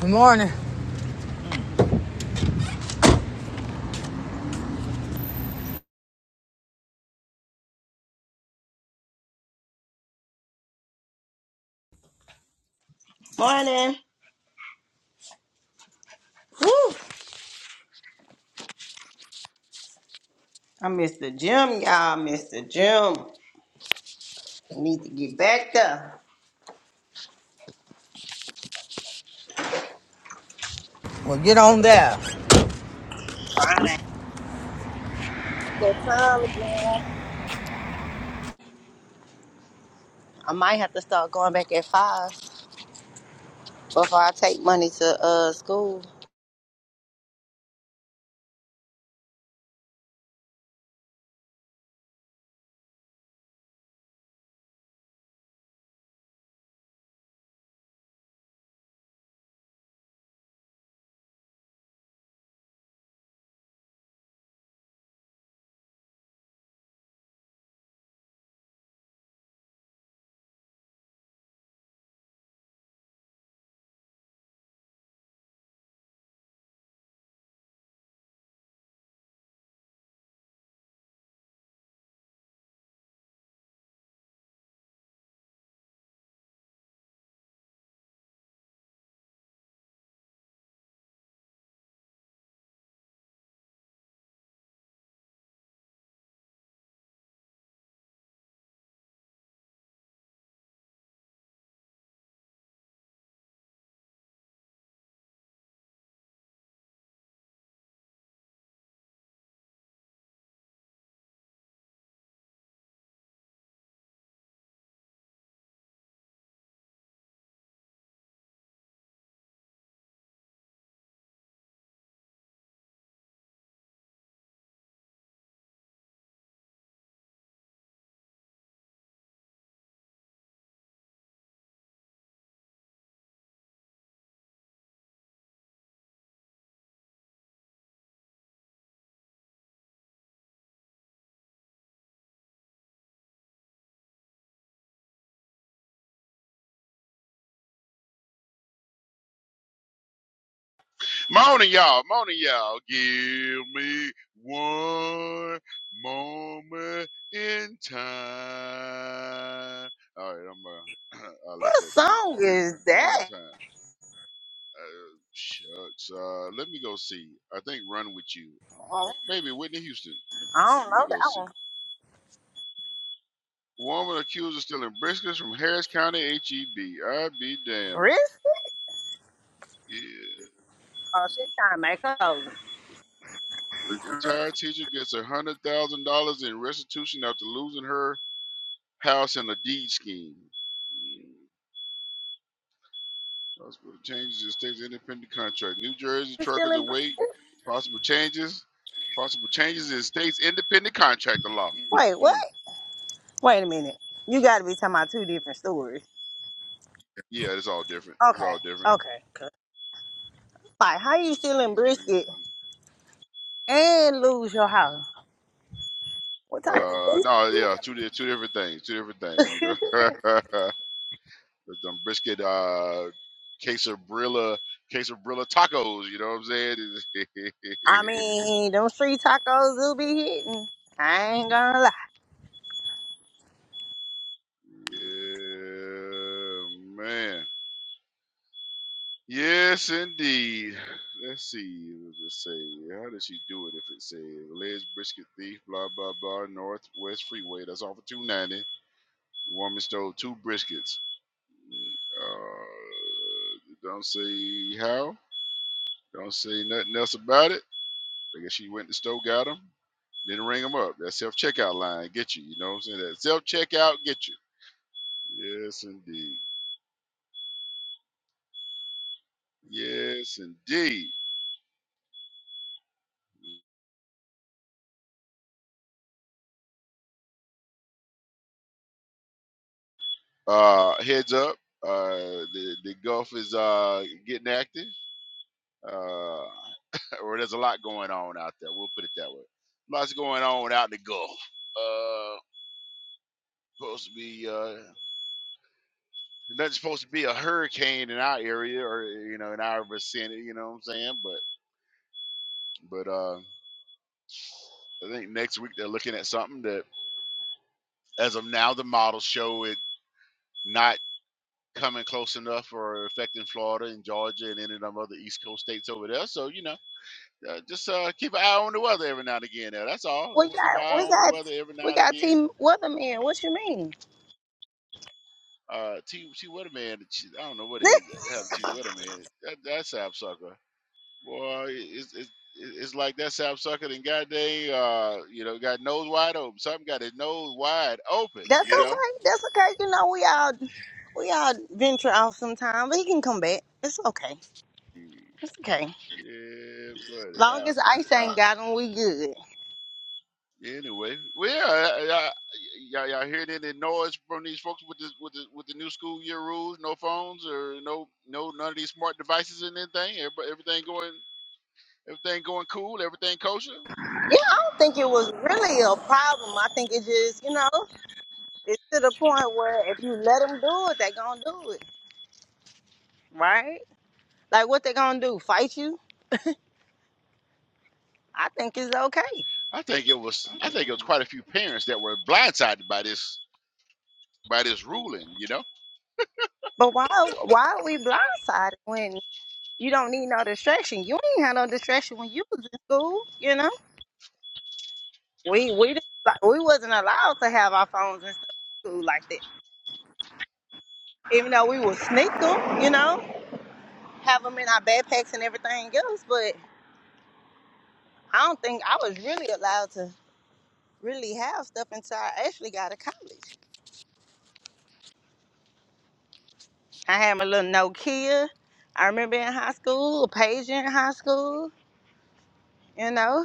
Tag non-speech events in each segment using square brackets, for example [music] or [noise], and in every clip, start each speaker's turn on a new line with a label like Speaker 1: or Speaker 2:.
Speaker 1: Good morning.
Speaker 2: Morning. I missed the gym, y'all. missed the gym. Need to get back there.
Speaker 1: Well, get on there.
Speaker 2: Fine. That time again. I might have to start going back at five before I take money to uh school.
Speaker 3: Morning, y'all. Morning, y'all. Give me one moment in time. All right, I'm uh, [clears throat] I'll let
Speaker 2: What
Speaker 3: that be.
Speaker 2: song is
Speaker 3: Morning
Speaker 2: that?
Speaker 3: time. Uh, shucks. Uh, let me go see. I think Run with You.
Speaker 2: Oh,
Speaker 3: Maybe Whitney Houston.
Speaker 2: I don't
Speaker 3: Let me
Speaker 2: know.
Speaker 3: go
Speaker 2: That
Speaker 3: see.
Speaker 2: one
Speaker 3: Woman accused of stealing briskets from Harris County H E B. I be damned.
Speaker 2: brisket?
Speaker 3: Yeah.
Speaker 2: Oh, she trying to make her own.
Speaker 3: Retired teacher gets a hundred thousand dollars in restitution after losing her house and a deed scheme. Possible changes in state's independent contract. New Jersey
Speaker 2: You still
Speaker 3: truckers
Speaker 2: in brisket?
Speaker 3: await possible changes. Possible changes in state's independent contractor law.
Speaker 2: Wait, what?
Speaker 3: Mm.
Speaker 2: Wait a minute. You got to be talking about two different stories.
Speaker 3: Yeah, it's all different. It's
Speaker 2: Okay,
Speaker 3: all different.
Speaker 2: okay. Like, how
Speaker 3: It's
Speaker 2: you
Speaker 3: just-
Speaker 2: stealing
Speaker 3: it's strange
Speaker 2: brisket
Speaker 3: money.
Speaker 2: and lose your house? What type
Speaker 3: Uh,
Speaker 2: of?
Speaker 3: no, yeah, two di- two different things. Two different things. You
Speaker 2: [laughs]
Speaker 3: know, [laughs] There's them brisket, uh, quesabrilla, quesabrilla tacos. You know what I'm saying?
Speaker 2: I mean, them street tacos will be hitting. I ain't gonna lie.
Speaker 3: [laughs] yeah, man. Yes, indeed. Let's see. It was just say, how does she do it if it says alleged brisket thief, blah, blah, blah, Northwest Freeway? That's off of 290. The woman stole two briskets. Uh, don't say how. Don't say nothing else about it. I guess she went to the store, got them, didn't ring them up. That self checkout line get you. You know what I'm saying? That self checkout get you. Yes, indeed. Yes, indeed. Uh, heads up, uh, the, the Gulf is uh, getting active. Uh, [laughs] or there's a lot going on out there. We'll put it that way. Lots going on out in the Gulf. Uh, supposed to be uh, nothing's supposed to be a hurricane in our area or you know in our vicinity. You know what I'm saying? But but uh, I think next week they're looking at something that, as of now, the models show it not coming close enough or affecting Florida and Georgia and any of them other East Coast states over there. So you know. uh, just uh, keep an eye on the weather every now and again. There, that's all.
Speaker 2: We
Speaker 3: Just keep an
Speaker 2: got,
Speaker 3: eye
Speaker 2: we
Speaker 3: on the
Speaker 2: got,
Speaker 3: weather every
Speaker 2: we
Speaker 3: now and
Speaker 2: got
Speaker 3: again.
Speaker 2: Team Weatherman. What you mean?
Speaker 3: Uh, T. T. Weatherman, she- I don't know what it is. uh, Have T. Weatherman. That that sapsucker, boy, it's it's it's like that sapsucker. Then goddamn, uh, you know, got nose wide open. Something got his nose wide open.
Speaker 2: That's
Speaker 3: You
Speaker 2: okay.
Speaker 3: know.
Speaker 2: That's okay. You know, we all, we all venture off sometime, but he can come back. It's okay. It's okay.
Speaker 3: Yeah, buddy. uh,
Speaker 2: Long as Ice ain't got him, we good.
Speaker 3: Anyway, well, yeah, yeah, yeah, y'all y'all hear any noise from these folks with this with the with the new school year rules, no phones or no no none of these smart devices and anything. Everyb- Everything going everything going cool, everything kosher.
Speaker 2: Yeah, I don't think it was really a problem. I think it just, you know, it's to the point where if you let them do it, they gonna do it, right? Like what they gonna do? Fight you? I think it's okay.
Speaker 3: I think it was I think it was quite a few parents that were blindsided by this by this ruling. You know,
Speaker 2: But why why are we blindsided when you don't need no distraction? You ain't had no distraction when you was in school, you know? We we didn't like we wasn't allowed to have our phones and stuff in school like that. Even though we would sneak them, you know, have them in our backpacks and everything else, but I don't think I was really allowed to really have stuff until I actually got to college. I had my little Nokia. I remember in high school, a pager in high school, you know.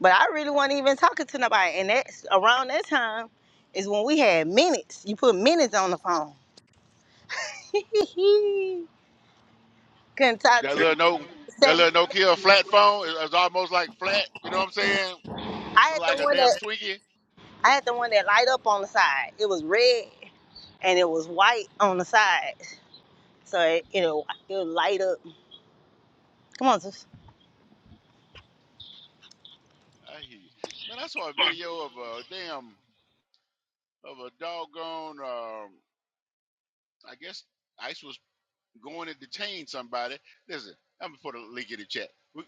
Speaker 2: But I really wasn't even talking to nobody. And that's around that time is when we had minutes. You put minutes on the phone. [laughs] Couldn't talk
Speaker 3: that
Speaker 2: to you.
Speaker 3: little no that
Speaker 2: seven.
Speaker 3: little no kill flat phone is, is almost like flat. You know what I'm saying?
Speaker 2: I had the
Speaker 3: Like a
Speaker 2: one
Speaker 3: damn
Speaker 2: that
Speaker 3: Twinkie.
Speaker 2: I had the one that light up on the side. It was red and it was white on the side. So it
Speaker 3: Mm,
Speaker 2: it'll, it'll light up. Come on, sis.
Speaker 3: I hear you. Man, I saw a video of a damn of a doggone. um, I guess ICE was going to detain somebody. Listen, I'm gonna put a link in the chat. We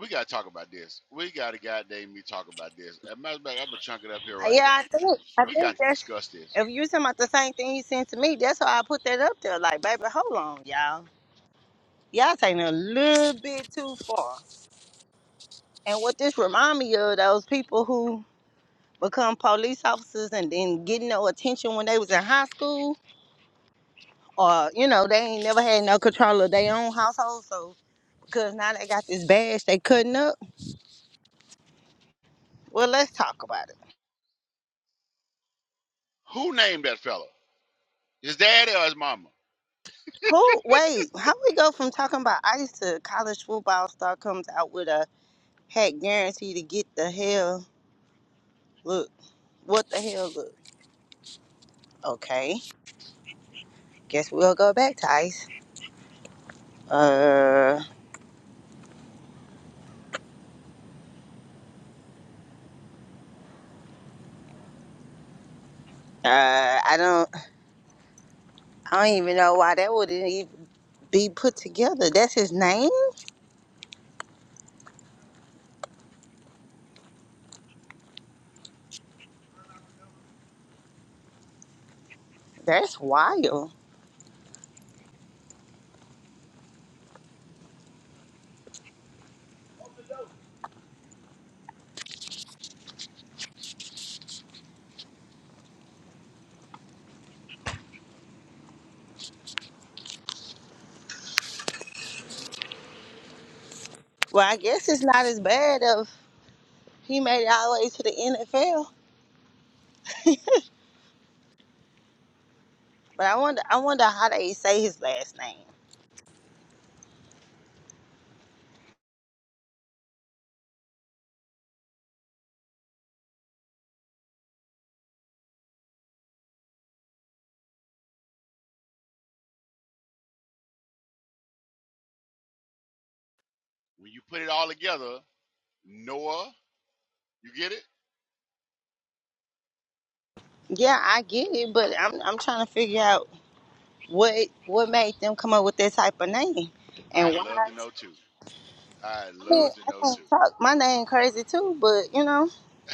Speaker 3: we gotta talk about this. We gotta goddamn me talk about this. As a matter of fact, I'm gonna chunk it up here
Speaker 2: Uh,
Speaker 3: right
Speaker 2: Yeah,
Speaker 3: now.
Speaker 2: I think I
Speaker 3: We
Speaker 2: think
Speaker 3: got to
Speaker 2: that's
Speaker 3: discuss this.
Speaker 2: if you talking about the same thing you sent to me, that's why I put that up there. Like, baby, hold on, y'all. Y'all taking it a little bit too far. And what this remind me of those people who become police officers and then getting no attention when they was in high school, or you know they ain't never had no control of their own household. So because now they got this badge, they cutting up. Well, let's talk about it.
Speaker 3: Who named that fella? His daddy or his mama?
Speaker 2: Who? Wait, how we go from talking about ice to college football star comes out with a hat guarantee to get the hell look? What the hell look? Okay, guess we'll go back to ice. Uh, uh, I don't. I don't even know why that would even. be put together. That's his name? That's wild. Well, I guess it's not as bad if he made it all the way to the NFL. But I wonder I wonder how they say his last name.
Speaker 3: When you put it all together, Noah, you get it?
Speaker 2: Yeah, I get it, but I'm I'm trying to figure out what what made them come up with that type of name and
Speaker 3: I'd love
Speaker 2: why
Speaker 3: to know too. I'd
Speaker 2: I mean,
Speaker 3: love to
Speaker 2: I
Speaker 3: know
Speaker 2: can't talk my name crazy too, but you know,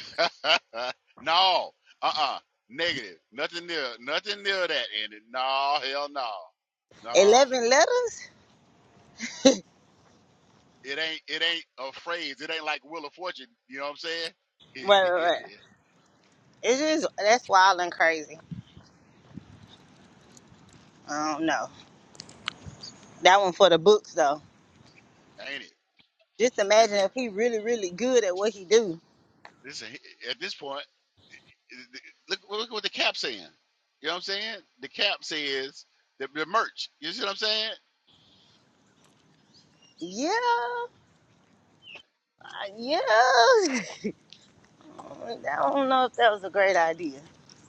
Speaker 3: too. [laughs] no, uh-uh, negative. Nothing near, nothing near that. And no, hell no, no.
Speaker 2: eleven letters?
Speaker 3: It ain't it ain't a phrase. It ain't like Wheel of Fortune. You know what I'm saying? [laughs]
Speaker 2: Right, right, right.
Speaker 3: ain't
Speaker 2: It's just that's wild and crazy. I don't know. That one for the books though.
Speaker 3: it?
Speaker 2: Just imagine
Speaker 3: Listen,
Speaker 2: if he really, really good at what he do.
Speaker 3: listen. At this point, look look what the cap saying. You know what I'm saying? The cap says the, the merch. You see what I'm saying?
Speaker 2: Yeah, yeah. [laughs] I don't know if that was a great idea.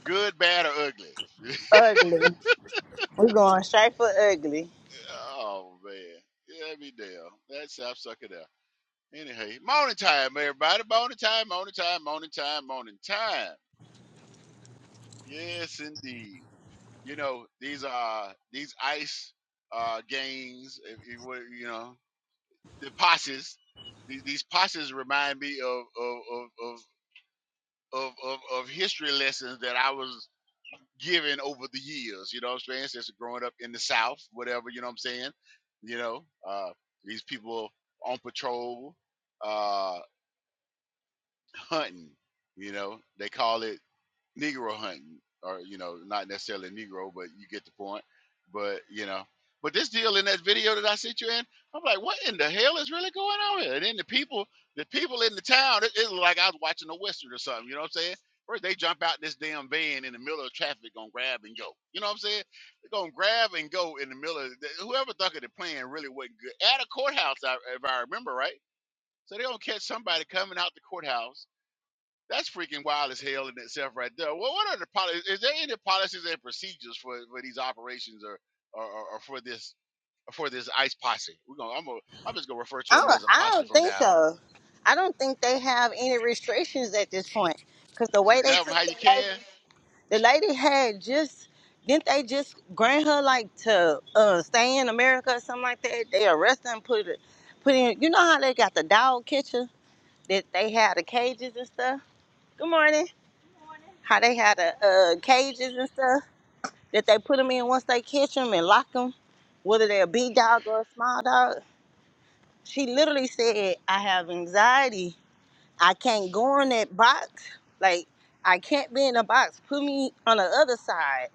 Speaker 3: Good, bad, or ugly.
Speaker 2: Ugly. We're going straight for ugly.
Speaker 3: Oh man, yeah, me damn. That's South sucker there. Anyway, morning time, everybody. Morning time, morning time, morning time, morning time. Yes, indeed. You know these uh these ice uh gangs, if you would, you know the posses. These, these posses remind me of of of of of, of, of history lessons that I was given over the years. You know what I'm saying? Since growing up in the South, whatever. You know what I'm saying? You know uh these people on patrol, uh hunting. You know they call it Negro hunting, or you know, not necessarily Negro, but you get the point. But you know, but this deal in that video that I sent you in, I'm like, what in the hell is really going on here? And then the people, the people in the town, it, it was like I was watching a western or something. You know what I'm saying? First they jump out this damn van in the middle of traffic, gonna grab and go. You know what I'm saying? They're gonna grab and go in the middle. Of whoever thought of the plan really wasn't good at a courthouse, I- if I remember right. So they gonna catch somebody coming out the courthouse that's freaking wild as hell in itself, right there. Well, what are the policies? Is there any policies and procedures for, for these operations or, or or or for this for this ice posse? We're gonna I'm gonna, I'm just gonna refer to
Speaker 2: I
Speaker 3: them
Speaker 2: don't,
Speaker 3: as a
Speaker 2: I
Speaker 3: posse
Speaker 2: don't
Speaker 3: from
Speaker 2: think
Speaker 3: now on.
Speaker 2: so. I don't think they have any restrictions at this point. Cause the
Speaker 3: You
Speaker 2: way
Speaker 3: just
Speaker 2: they
Speaker 3: grab
Speaker 2: took
Speaker 3: them how
Speaker 2: the
Speaker 3: you
Speaker 2: lady,
Speaker 3: can.
Speaker 2: the lady had just didn't they just grant her like to uh, stay in America or something like that? They arrested and put it, put in. You know how they got the dog catcher that they had the cages and stuff. Good morning. How they had the uh, cages and stuff that they put them in once they catch them and lock them, whether they're a big dog or a small dog. She literally said, I have anxiety. I can't go in that box. Like, I can't be in a box. Put me on the other side.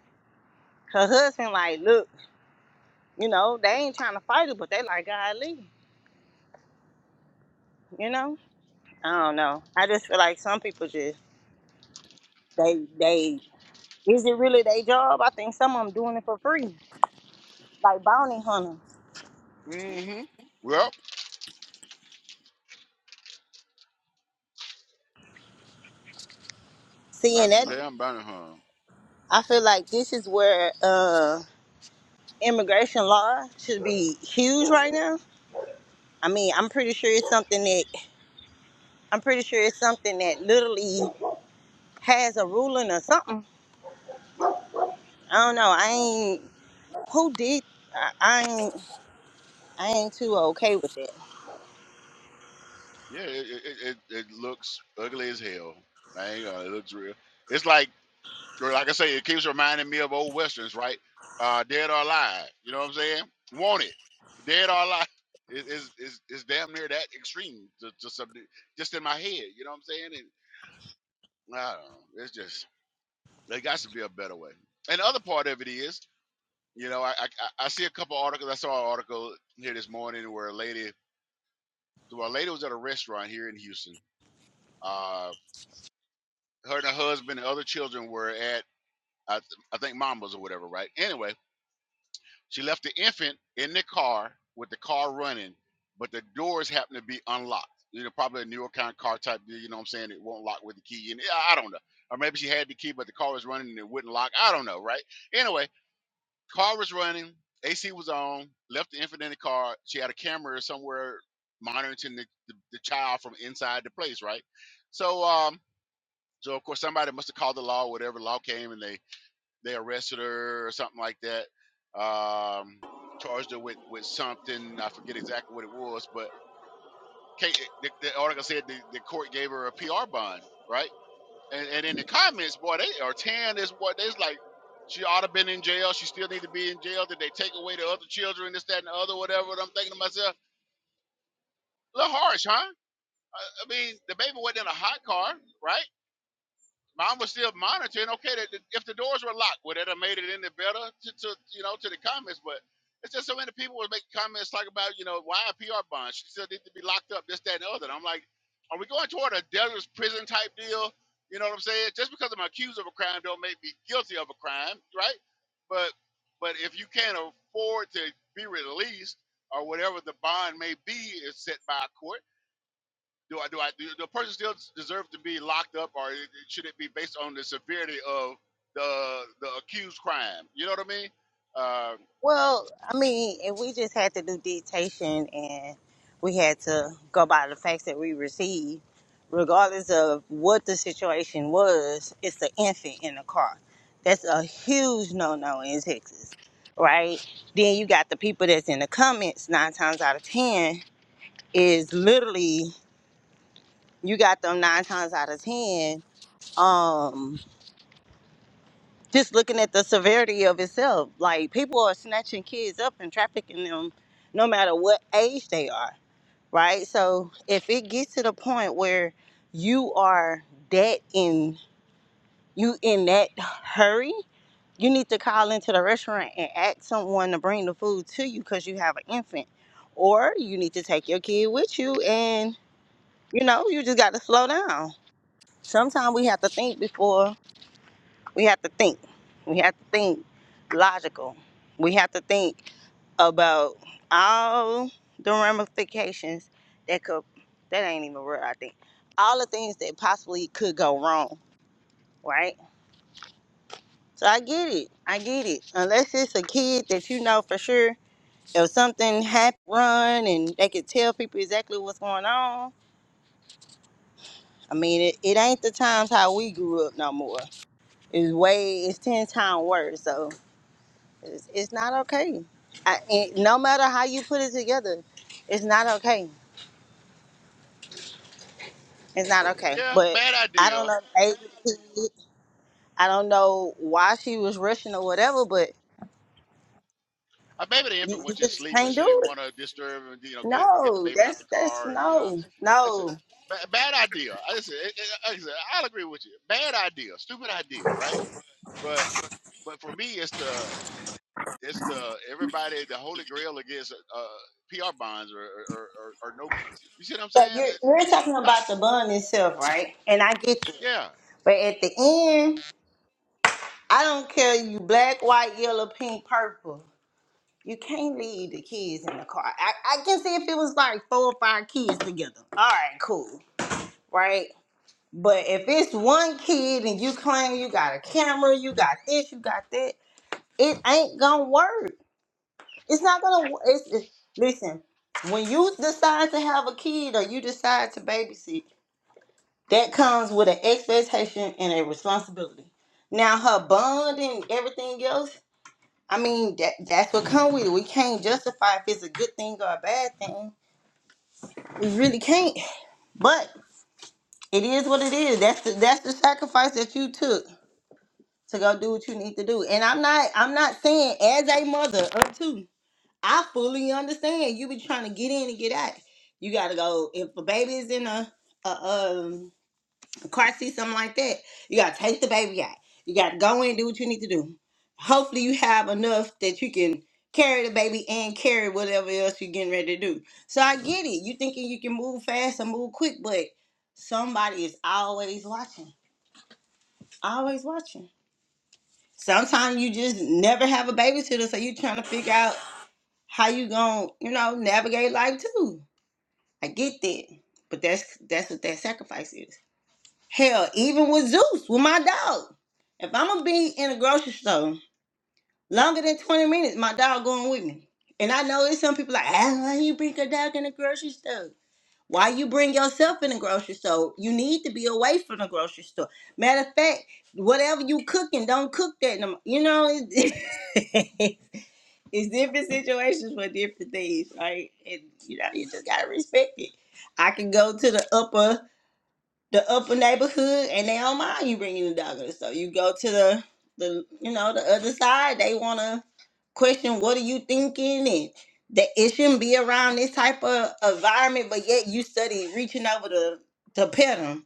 Speaker 2: Her husband, like, look, you know, they ain't trying to fight it, but they like, God, leave, you know? I don't know. I just feel like some people just, they, they, is it really their job? I think some of them doing it for free, like bounty hunters.
Speaker 3: Mm-hmm. Well,
Speaker 2: Seeing
Speaker 3: knock them
Speaker 2: that
Speaker 3: down, burn 'em, huh?
Speaker 2: I feel like this is where uh, immigration law should be huge right now. I mean, I'm pretty sure it's something that I'm pretty sure it's something that literally has a ruling or something. I don't know. I ain't who did. I, I ain't. I ain't too okay with that.
Speaker 3: Yeah, it, it, it, it it looks ugly as hell. I ain't gonna. It looks real. It's like Or Like I say, it keeps reminding me of old westerns, right? Uh, dead or alive. You know what I'm saying? Want it. Dead or alive. [laughs] It- It's, it's, it's damn near that extreme to, to some, just in my head. You know what I'm saying? And I don't know. It's just, there got to be a better way. And the other part of it is, you know, I, I, I I see a couple articles. I saw an article here this morning where a lady, so a lady was at a restaurant here in Houston. Uh, her and her husband and other children were at, I, th- I think Mama's or whatever, right? Anyway, She left the infant in the car with the car running, but the doors happened to be unlocked. You know, probably a newer kind of car type deal. You know what I'm saying? It won't lock with the key. And I don't know. Or maybe she had the key, but the car was running and it wouldn't lock. I don't know, right? Anyway, car was running. AC was on. Left the infant in the car. She had a camera somewhere monitoring the, the, the child from inside the place, right? So, um, so of course somebody must have called the law, whatever law came, and they they arrested her or something like that. Um, charged her with with something. I forget exactly what it was, but Kate, the, the article said the, the court gave her a PR bond, right? And, and in the comments, boy, they are tearing is what they's like. She ought to have been in jail. She still need to be in jail. Did they take away the other children, this, that, and the other, whatever? And I'm thinking to myself, a little harsh, huh? I, I mean, the baby wasn't in a hot car, right? mine was still monitoring. Okay, that that if the doors were locked, would it have made it any better to, to you know to the comments? But it's just so many people would make comments talking about you know why a PR bond she still need to be locked up, this, that, and the other. And I'm like, are we going toward a debtor's prison type deal? You know what I'm saying? Just because I'm accused of a crime don't make me guilty of a crime, right? But but if you can't afford to be released or whatever the bond may be is set by a court do I do I do the person still deserve to be locked up, or it- should it be based on the severity of the the accused crime? You know what I mean? Uh,
Speaker 2: Well, I mean, if we just had to do dictation and we had to go by the facts that we received, regardless of what the situation was, it's the infant in the car. That's a huge no no in Texas, right? Then you got the people that's in the comments nine times out of ten is literally you got them nine times out of ten. Um just looking at the severity of itself. Like people are snatching kids up and trafficking them no matter what age they are, right? So if it gets to the point where you are that in you in that hurry, you need to call into the restaurant and ask someone to bring the food to you because you have an infant. Or you need to take your kid with you and you know, you just gotta slow down. Sometimes we have to think before we have to think. We have to think logical. We have to think about all the ramifications that could that ain't even real, I think. All the things that possibly could go wrong, right? So I get it. I get it. Unless it's a kid that you know for sure, if something happened, run and they could tell people exactly what's going on. I mean, it, it ain't the times how we grew up no more. It's way, it's 10 times worse. So It's, it's not okay. I, it, no matter how you put it together, it's not okay. It's not okay.
Speaker 3: yeah,
Speaker 2: But
Speaker 3: bad
Speaker 2: I don't
Speaker 3: idea.
Speaker 2: know the age of the kid. I don't know why she was rushing or whatever. But
Speaker 3: Uh, maybe the infant
Speaker 2: you, you
Speaker 3: was just
Speaker 2: just
Speaker 3: sleeping.
Speaker 2: can't
Speaker 3: She
Speaker 2: do
Speaker 3: didn't
Speaker 2: it.
Speaker 3: want to disturb and you know get it, get the
Speaker 2: No,
Speaker 3: baby out the
Speaker 2: that's that's
Speaker 3: car. And, you know,
Speaker 2: no,
Speaker 3: listen,
Speaker 2: no.
Speaker 3: ba- bad idea. I listen, it, it, like I said, I'll agree with you. Bad idea, stupid idea, right? But but for me, it's the It's the everybody the holy grail against uh, PR bonds or or, or or no. You see what I'm
Speaker 2: So
Speaker 3: saying?
Speaker 2: you're
Speaker 3: Uh,
Speaker 2: you're
Speaker 3: It's
Speaker 2: talking
Speaker 3: not
Speaker 2: about the bun itself, right? And I get you.
Speaker 3: yeah.
Speaker 2: But at the end, I don't care you black, white, yellow, pink, purple. You can't leave the kids in the car. I, I can see if it was like four or five kids together. All right, cool, right? But if it's one kid and you claim you got a camera, you got this, you got that, it ain't gonna work. It's not gonna. wo- It's it, listen. When you decide to have a kid or you decide to babysit, that comes with an expectation and a responsibility. Now her bond and everything else I mean that that's what come with it. We can't justify if it's a good thing or a bad thing. We really can't. But it is what it is. That's the that's the sacrifice that you took to go do what you need to do. And I'm not I'm not saying as a mother or two, I fully understand. You be trying to get in and get out. You gotta go if a baby is in a a um car seat, something like that. You gotta take the baby out. You gotta go in and do what you need to do. Hopefully, you have enough that you can carry the baby and carry whatever else you're getting ready to do. So I get it. You thinking you can move fast and move quick, but somebody is always watching. Always watching. Sometimes you just never have a babysitter, so you trying to figure out how you gonna, you know, navigate life too. I get that, but that's that's what that sacrifice is. Hell, even with Zeus, with my dog. If I'm gonna be in a grocery store longer than 20 minutes, my dog going with me. And I know it's some people like, ah, why you bring your dog in the grocery store? Why you bring yourself in the grocery store? You need to be away from the grocery store. Matter of fact, whatever you cooking, don't cook that. in You know, it's, [laughs] it's different situations for different things, right? And you know, you just gotta respect it. I can go to the upper the upper neighborhood and they don't mind you bringing the dog or the store. You go to the the you know the other side. They want to question what are you thinking and that it shouldn't be around this type of environment. But yet you study reaching over to to pet him.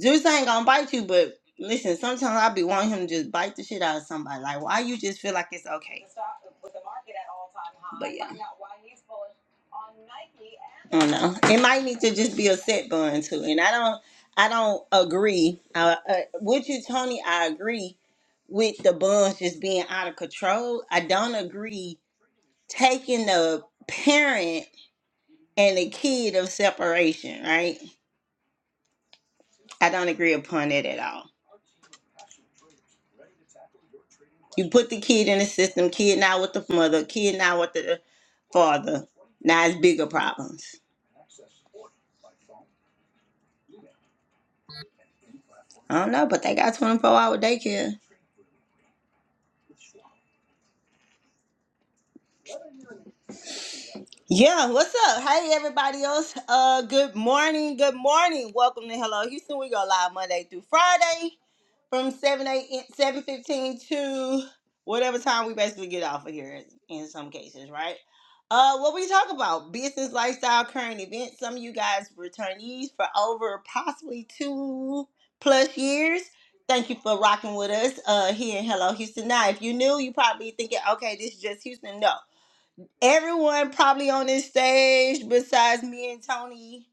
Speaker 2: Zeus ain't gonna bite you, but listen, sometimes I be wanting him to just bite the shit out of somebody. Like why you just feel like it's okay. But yeah. I don't know. It might need to just be a set bun too. And I don't, I don't agree. Uh, uh, with you, Tony, I agree with the buns just being out of control. I don't agree taking the parent and the kid of separation. Right? I don't agree upon it at all. You put the kid in the system. Kid now with the mother. Kid now with the father. Now it's bigger problems. I don't know, but they got twenty four hour daycare. Yeah, what's up? Hey, everybody else. Uh, good morning. Good morning. Welcome to Hello Houston. We go live Monday through Friday from 7 8 7 15 to whatever time we basically get off of here in some cases, right? Uh, what we talk about business, lifestyle, current events. Some of you guys returnees for over possibly two plus years. Thank you for rocking with us uh, here in Hello Houston. Now, if you're new, you probably thinking, okay, this is just Houston. No everyone probably on this stage besides me and Tony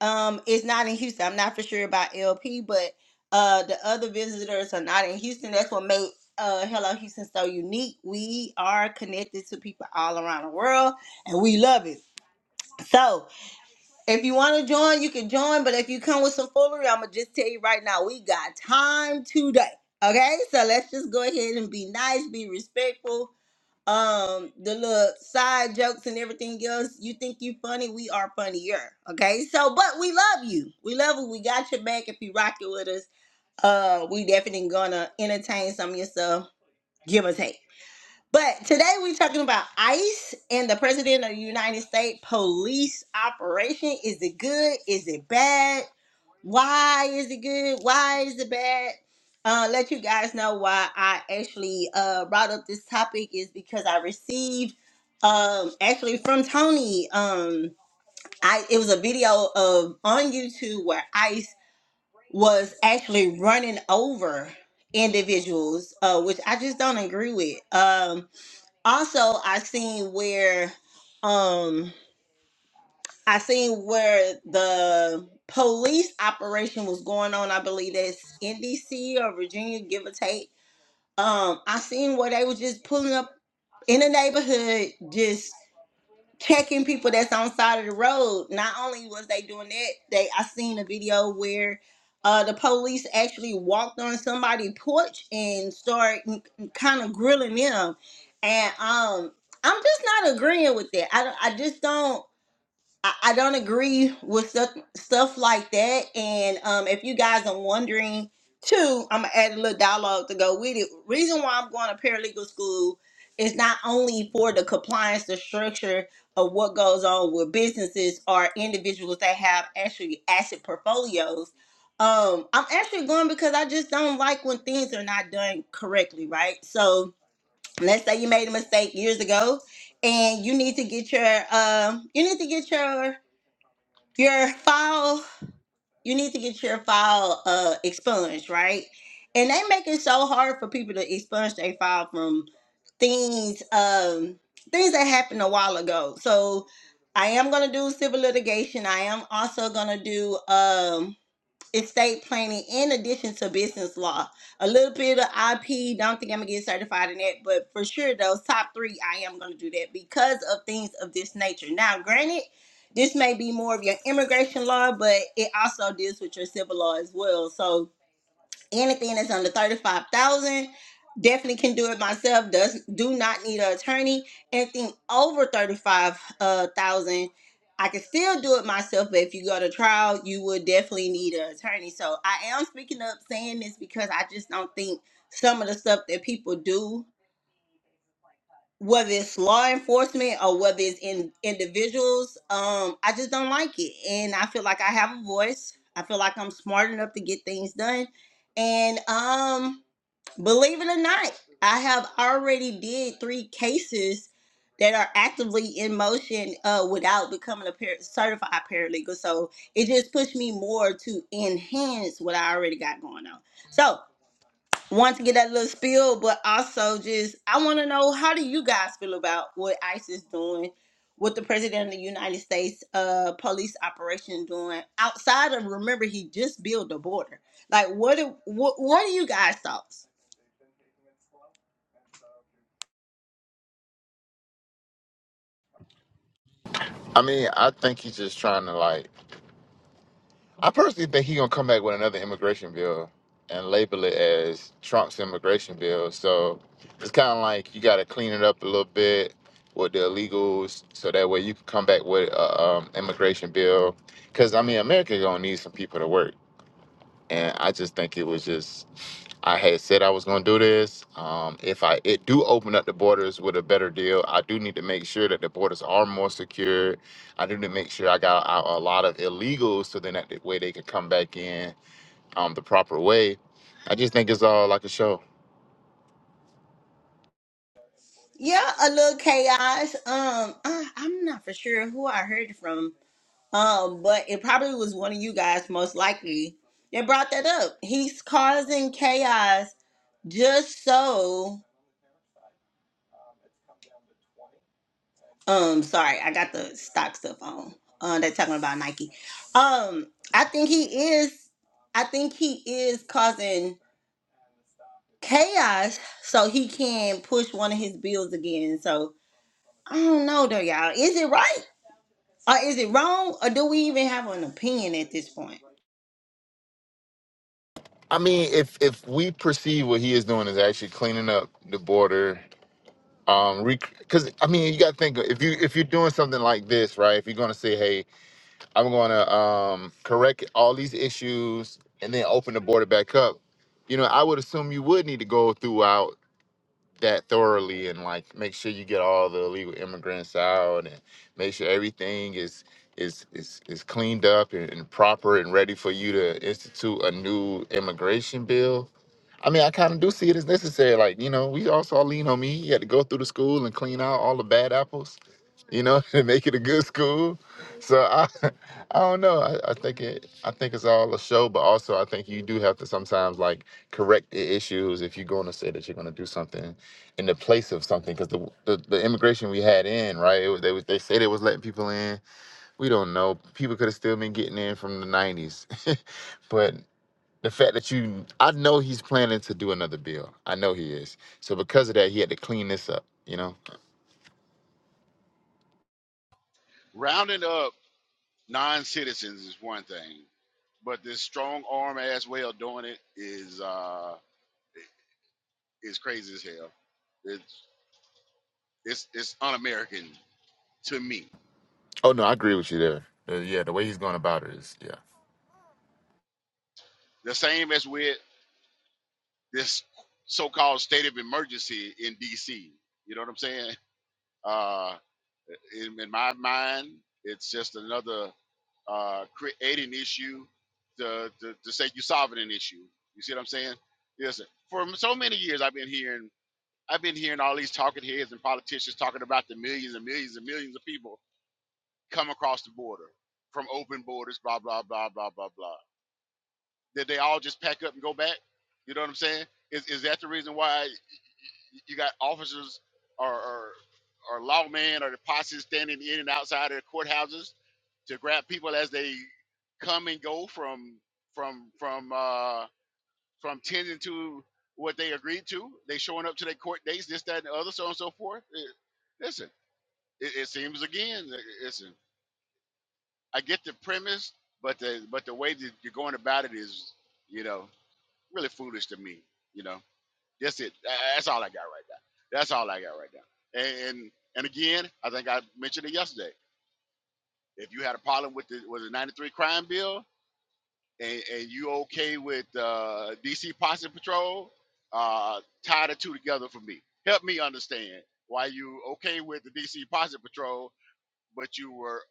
Speaker 2: um is not in Houston. I'm not for sure about LP, but uh the other visitors are not in Houston. That's what made uh Hello Houston so unique. We are connected to people all around the world and we love it. So if you want to join, you can join. But if you come with some foolery, I'ma just tell you right now, we got time today. Okay, so let's just go ahead and be nice, be respectful, um the little side jokes and everything else you think you funny we are funnier okay so but we love you we love you we got your back if you rock it with us uh we definitely gonna entertain some of your stuff give or take but today we're talking about ice and the president of the united states police operation is it good is it bad why is it good why is it bad uh let you guys know why i actually uh brought up this topic is because i received um actually from tony um i it was a video of on youtube where ice was actually running over individuals uh which i just don't agree with um also i seen where um, I seen where the police operation was going on. I believe that's in DC or Virginia, give or take. Um, I seen where they were just pulling up in the neighborhood, just checking people that's on side of the road. Not only was they doing that, they I seen a video where uh, the police actually walked on somebody's porch and started kind of grilling them. And um, I'm just not agreeing with that. I don't- I just don't. I, I don't agree with stuff stuff like that. And um, if you guys are wondering too, I'm gonna add a little dialogue to go with it. Reason why I'm going to paralegal school is not only for the compliance, the structure of what goes on with businesses or individuals that have actually asset portfolios. Um, I'm actually going because I just don't like when things are not done correctly, right? So let's say you made a mistake years ago and you need to get your um you need to get your your file you need to get your file uh expunged right and they make it so hard for people to expunge their file from things um things that happened a while ago so i am going to do civil litigation i am also going to do um estate planning in addition to business law. A little bit of IP, don't think I'm gonna get certified in that, but for sure those top three, I am gonna do that because of things of this nature. Now, granted, this may be more of your immigration law, but it also deals with your civil law as well. So anything that's under 35,000 definitely can do it myself does do not need an attorney anything over 35,000 I can still do it myself but if you go to trial you would definitely need an attorney so I am speaking up saying this because I just don't think some of the stuff that people do whether it's law enforcement or whether it's in individuals um I just don't like it and I feel like I have a voice I feel like I'm smart enough to get things done and um Believe it or not, I have already did three cases that are actively in motion uh, without becoming a par- certified paralegal. So it just pushed me more to enhance what I already got going on. So want to get that little spill, but also just I want to know how do you guys feel about what ICE is doing, what the president of the United States uh, police operation doing outside of remember he just built the border. Like what do, what what are you guys thoughts?
Speaker 4: I mean, I think he's just trying to like. I personally think he's gonna come back with another immigration bill and label it as Trump's immigration bill. So it's kind of like you got to clean it up a little bit with the illegals, so that way you can come back with a um, immigration bill. Because I mean, America gonna need some people to work and I just think it was just I had said I was going to do this. Um, if I it do open up the borders with a better deal, I do need to make sure that the borders are more secure. I do need to make sure I got out a lot of illegals, so then that way they can come back in um, the proper way. I just think it's all like a show.
Speaker 2: Yeah, a little chaos. Um, I, I'm not for sure who I heard it from. Um, but it probably was one of you guys, most likely. That brought that up. He's causing chaos just so. Um, sorry, I got the stock stuff on. Uh, they're talking about Nike. Um, I think he is. I think he is causing chaos so he can push one of his bills again. So I don't know though, y'all. Is it right? Or is it wrong, or do we even have an opinion at this point?
Speaker 4: I mean, if if we perceive what he is doing is actually cleaning up the border, um, because I mean, you got to think if you if you're doing something like this, right? If you're going to say, hey I'm going to um, correct all these issues and then open the border back up. You know, I would assume you would need to go throughout that thoroughly and like make sure you get all the illegal immigrants out and make sure everything is is is, is cleaned up and, and proper and ready for you to institute a new immigration bill. I mean, I kind of do see it as necessary. Like, you know, we all saw Lean on Me. He had to go through the school and clean out all the bad apples, you know, [laughs] to make it a good school. So I, [laughs] I don't know. I, I think it. I think it's all a show, but also I think you do have to sometimes like correct the issues if you're going to say that you're going to do something in the place of something because the, the the immigration we had in right it was, they was they said they was letting people in we don't know people could have still been getting in from the 90s [laughs] but the fact that you i know he's planning to do another bill i know he is so because of that he had to clean this up you know
Speaker 3: Rounding up non-citizens is one thing, but this strong arm ass way of doing it is uh is crazy as hell. It's it's it's un-American to me.
Speaker 4: oh no i agree with you there Uh, yeah the way he's going about it is yeah
Speaker 3: The same as with this so-called state of emergency in D.C. You know what I'm saying? Uh, in, in my mind, it's just another uh, creating issue to, to, to say you're solving an issue. You see what I'm saying? Yes. For so many years, I've been hearing I've been hearing all these talking heads and politicians talking about the millions and millions and millions of people come across the border from open borders, blah blah blah blah blah blah. Did they all just pack up and go back? You know what I'm saying? Is is that the reason why? you got officers or or, or lawmen or the posse standing in and outside of the courthouses to grab people as they come and go from from from uh from tending to what they agreed to. They showing up to their court dates, this, that, and the other, so on and so forth. It- listen, it, it seems again. li- Listen, I get the premise, but the but the way that you're going about it is, you know, really foolish to me. You know. That's it. Tha- That's all I got right now. That's all I got right now. And and, and again, I think I mentioned it yesterday. If you had a problem with the was the '93 crime bill, and, and you okay with uh, DC Posse Patrol, uh, tie the two together for me. Help me understand why you okay with the DC Posse Patrol, but you were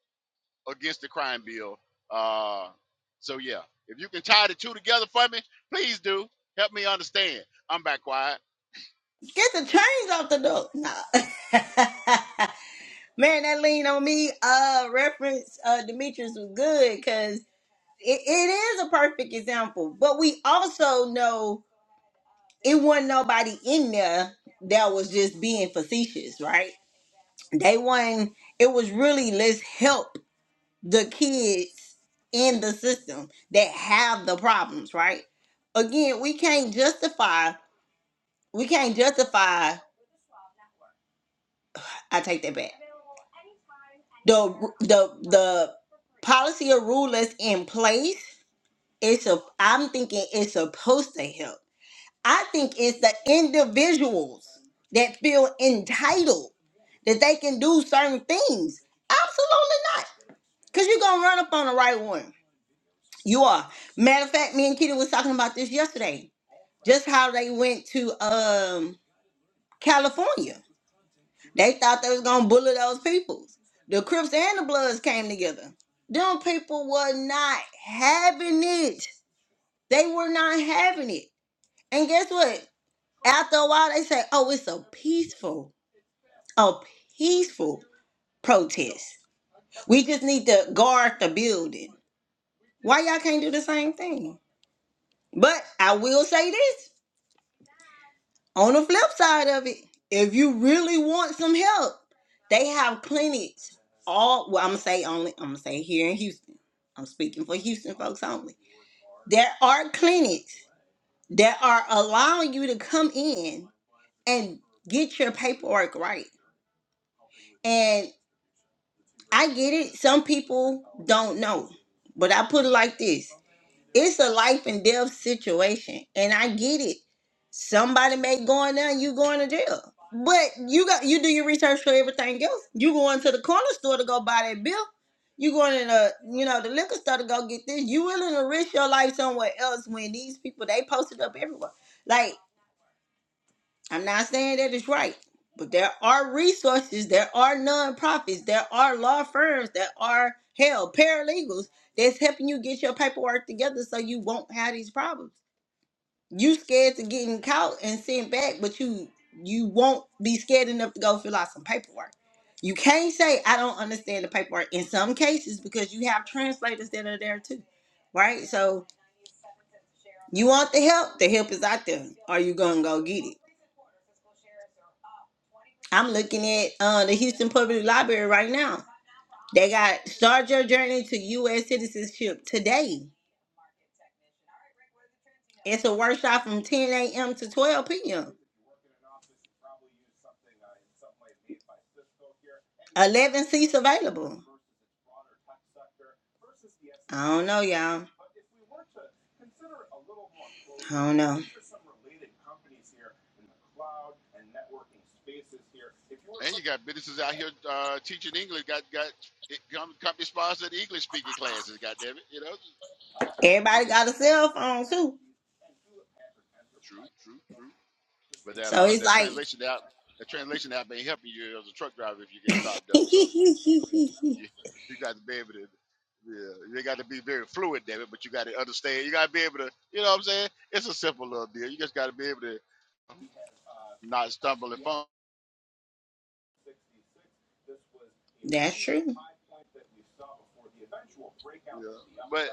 Speaker 3: against the crime bill. Uh, so yeah, if you can tie the two together for me, please do. Help me understand. I'm back quiet.
Speaker 2: Get the chains off the door. Nah. [laughs] Man, that lean on me uh reference uh Demetrius was good because it, it is a perfect example. But we also know it wasn't nobody in there that was just being facetious, right? They wasn't it was really let's help the kids in the system that have the problems, right? Again, we can't justify we can't justify i take that back the the the policy or rule that's in place it's a i'm thinking it's supposed to help i think it's the individuals that feel entitled that they can do certain things absolutely not because you're gonna run up on the right one you are matter of fact me and kitty was talking about this yesterday just how they went to um california They thought they was gonna bully those peoples. The Crips and the Bloods came together. Them people were not having it. They were not having it. And guess what? After a while, they say, "Oh, it's a peaceful, a peaceful protest. We just need to guard the building." Why y'all can't do the same thing? But I will say this. On the flip side of it, if you really want some help, they have clinics all well, I'm gonna say only I'm gonna say here in Houston. I'm speaking for Houston folks only. There are clinics that are allowing you to come in and get your paperwork right. And I get it, some people don't know. But I put it like this. it's a life and death situation and i get it somebody may go in there and you going to jail but you got you do your research for everything else you going to the corner store to go buy that bill you going to the you know the liquor store to go get this you willing to risk your life somewhere else when these people they posted up everywhere like I'm not saying that it's right, but there are resources, there are nonprofits, there are law firms that are hell, paralegals that's helping you get your paperwork together so you won't have these problems. You scared to getting caught and sent back, but you you won't be scared enough to go fill out some paperwork. You can't say I don't understand the paperwork in some cases because you have translators that are there too. Right? So you want the help, the help is out there. Are you gonna go get it? I'm looking at uh, the Houston Public Library right now. They got Start Your Journey to U.S. Citizenship today. It's a workshop from 10 a.m. to 12 p.m. 11 seats available. I don't know, y'all. I don't know.
Speaker 3: And you got businesses out here uh, teaching English. Got got it come company sponsored English speaking classes. God damn it, you know.
Speaker 2: Everybody got a cell phone, too.
Speaker 3: True, true, true. But that
Speaker 2: So
Speaker 3: uh
Speaker 2: it's
Speaker 3: that
Speaker 2: like
Speaker 3: translation app that translation app ain't helping you as a truck driver if you get stopped
Speaker 2: [laughs]
Speaker 3: up. So you, you got to be able to. Yeah, you got to be very fluid, damn it. But you got to understand. You got to be able to. You know what I'm saying? It's a simple little deal. You just got to be able to not stumble and fumble.
Speaker 2: That's true.
Speaker 3: Yeah. but.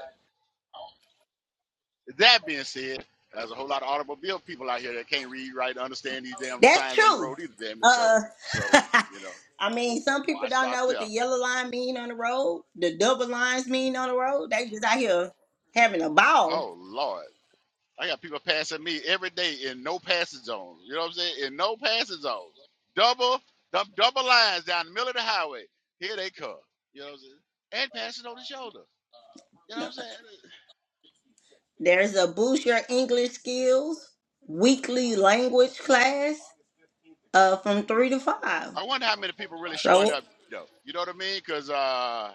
Speaker 3: That being said, there's a whole lot of automobile people out here that can't read, write, and understand these damn
Speaker 2: That's
Speaker 3: signs on the
Speaker 2: true.
Speaker 3: road either, damn it. So,
Speaker 2: Uh,
Speaker 3: so you know,
Speaker 2: [laughs] I mean,
Speaker 3: w- w-
Speaker 2: some people
Speaker 3: why
Speaker 2: don't
Speaker 3: stop
Speaker 2: know what the
Speaker 3: there?
Speaker 2: yellow line mean on the road. The double lines mean on the road. They just out here having a ball.
Speaker 3: Oh Lord, I got people passing me every day in no passing zones. You know what I'm saying? In no passing zones, double, dump, double lines down the middle of the highway. Here they come. You know what I'm saying? And passing on the shoulder. You know what
Speaker 2: Uh,
Speaker 3: I'm saying?
Speaker 2: There's a boost your English skills weekly language class uh, from three to five.
Speaker 3: I wonder how many people really showing
Speaker 2: So
Speaker 3: up though. You know what I mean? Because uh,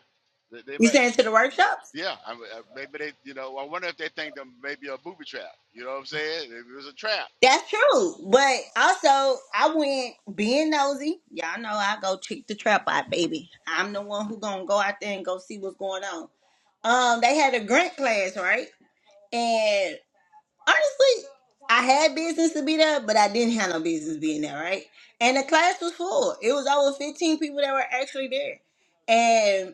Speaker 3: they, they
Speaker 2: you
Speaker 3: might.
Speaker 2: saying to the workshop?
Speaker 3: Yeah, I, mean, uh, maybe they, you know, I wonder if they think that maybe a booby trap. You know what I'm saying? If it was a trap.
Speaker 2: That's true. But also, I went being nosy. Y'all know I go check the trap out, baby. I'm the one who gonna go out there and go see what's going on. Um, they had a grant class, right? And honestly, I had business to be there, but I didn't have no business being there, right? And the class was full. It was over 15 people that were actually there. and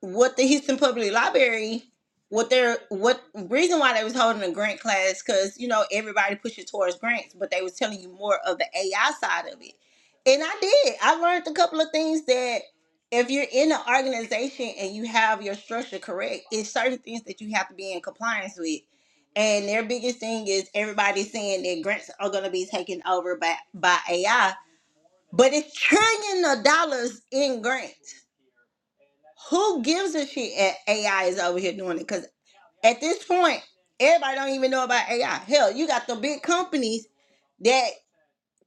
Speaker 2: what the Houston Public Library, what their what reason why they was holding a grant class, because you know everybody pushing towards grants, but they was telling you more of the AI side of it. And I did. I learned a couple of things that if you're in an organization and you have your structure correct, it's certain things that you have to be in compliance with. And their biggest thing is everybody saying that grants are going to be taken over by, by AI, but it's trillion of dollars in grants who gives a shit at AI is over here doing it? Because at this point, everybody don't even know about AI. Hell, you got the big companies that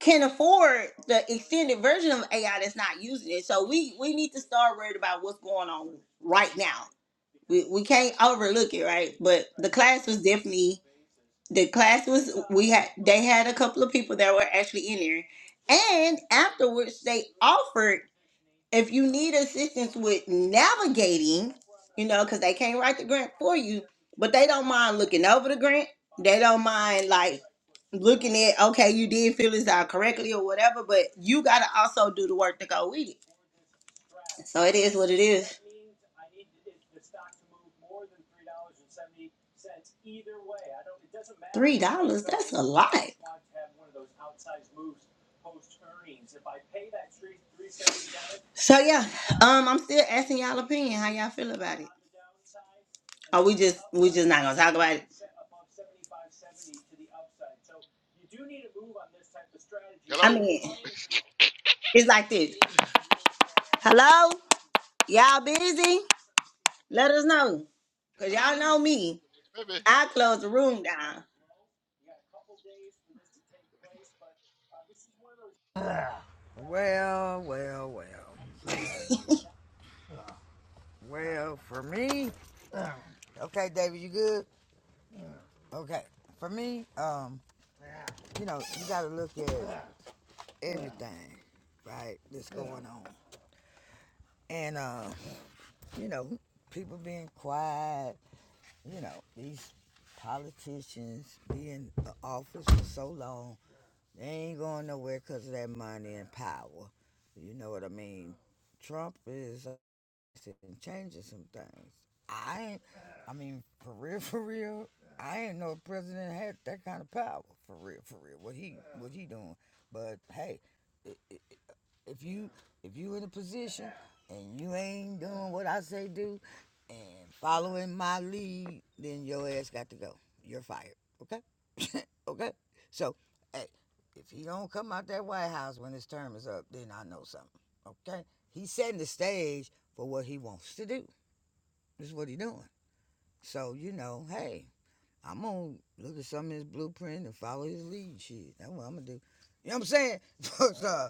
Speaker 2: can afford the extended version of AI that's not using it. So we we need to start worried about what's going on right now. We we can't overlook it, right? But the class was definitely the class was we had they had a couple of people that were actually in there. And afterwards they offered if you need assistance with navigating, you know, because they can't write the grant for you, but they don't mind looking over the grant. They don't mind like looking at okay, you did fill this out correctly or whatever, but you gotta also do the work to go with it. So it is what it is. Three dollars, that's a lot. So yeah, um, I'm still asking y'all opinion how y'all feel about it. Oh, we just we just not gonna talk about it. I
Speaker 3: Hello,
Speaker 2: mean, it's like this. Hello, y'all busy? Let us know, cause y'all
Speaker 3: uh,
Speaker 2: know me.
Speaker 3: maybe.
Speaker 2: I close the room down.
Speaker 1: Well, well, well. Say that again. Uh, Well, for me, Uh, okay, David, you good? Yeah. Okay. For me, um, uh, you know, you got to look at everything, right? That's going on, and uh, you know, people being quiet, you know, these politicians be in office for so long, they ain't going nowhere because of that money and power. You know what I mean? Trump is uh, changing some things. I ain't, I mean, for real, [laughs] for real, I ain't know a president had that kind of power. For real, for real, what he, what he doing? But hey, it, it, if you if you in a position and you ain't doing what I say do and following my lead, then your ass got to go. You're fired. Okay? [laughs] okay? So, hey, if he don't come out that White House when his term is up, then I know something. Okay? He's setting the stage for what he wants to do. This is what he's doing. So, you know, hey, I'm gonna look at some of his blueprint and follow his lead. Shit. That's what I'm gonna do. You know what I'm saying? [laughs] 'Cause,
Speaker 3: Alright.
Speaker 1: uh,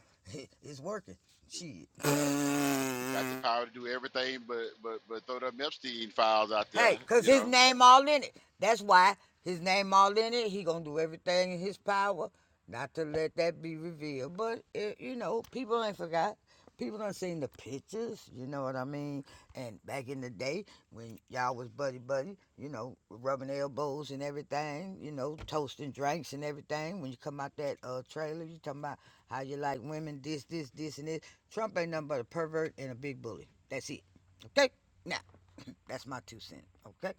Speaker 1: it's working. Shit.
Speaker 3: got got the power to do everything, but but but throw them Epstein files out there.
Speaker 1: Hey, cause
Speaker 3: You
Speaker 1: his
Speaker 3: know.
Speaker 1: name all in it. That's why his name all in it. He gonna do everything in his power not to let that be revealed. But eh, you know, people ain't forgot. People done seen the pictures. You know what I mean? And back in the day when y'all was buddy buddy, you know, rubbing elbows and everything. You know, toasting drinks and everything. When you come out that uh trailer, you talking about how you like women, this, this, this, and this. Trump ain't nothing but a pervert and a big bully. That's it. Okay? Now, [clears throat] that's my two cents. Okay?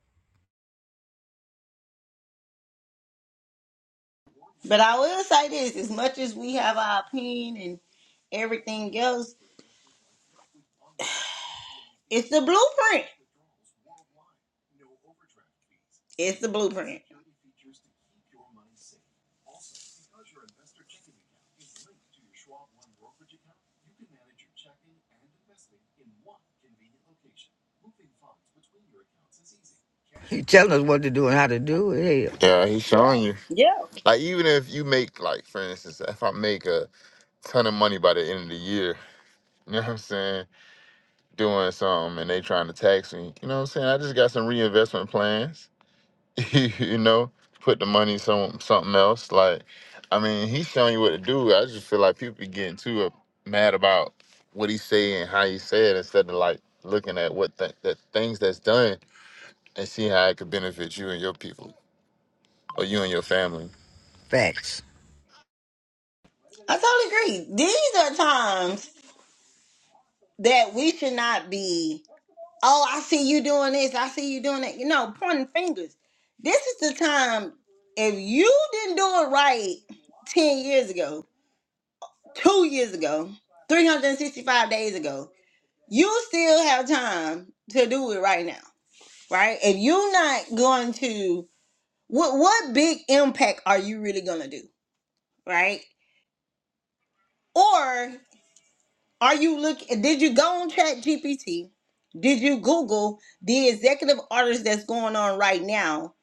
Speaker 2: But I will say this: as much as we have our opinion and everything else, it's the blueprint. It's the blueprint.
Speaker 1: He telling us what to do and how to do it. Hell,
Speaker 4: yeah he's showing you
Speaker 2: Yeah,
Speaker 4: like even if you make like for instance if i make a ton of money by the end of the year [laughs] you know what i'm saying doing something and they trying to tax me. You know what I'm saying? I just got some reinvestment plans. [laughs] you know, put the money some something else. Like, I mean, he's showing you what to do. I just feel like people be getting too uh, mad about what he say and how he said instead of like looking at what th- that things that's done and see how it could benefit you and your people or you and your family.
Speaker 1: facts.
Speaker 2: I totally agree. These are times that we should not be. oh, I see you doing this, I see you doing that. You know, pointing fingers. This is the time if you didn't do it right 10 years ago, two years ago, 365 days ago, you still have time to do it right now, right? If you're not going to, what, what big impact are you really going to do, right? Or are you looking, did you go on chat GPT? Did you Google the executive orders that's going on right now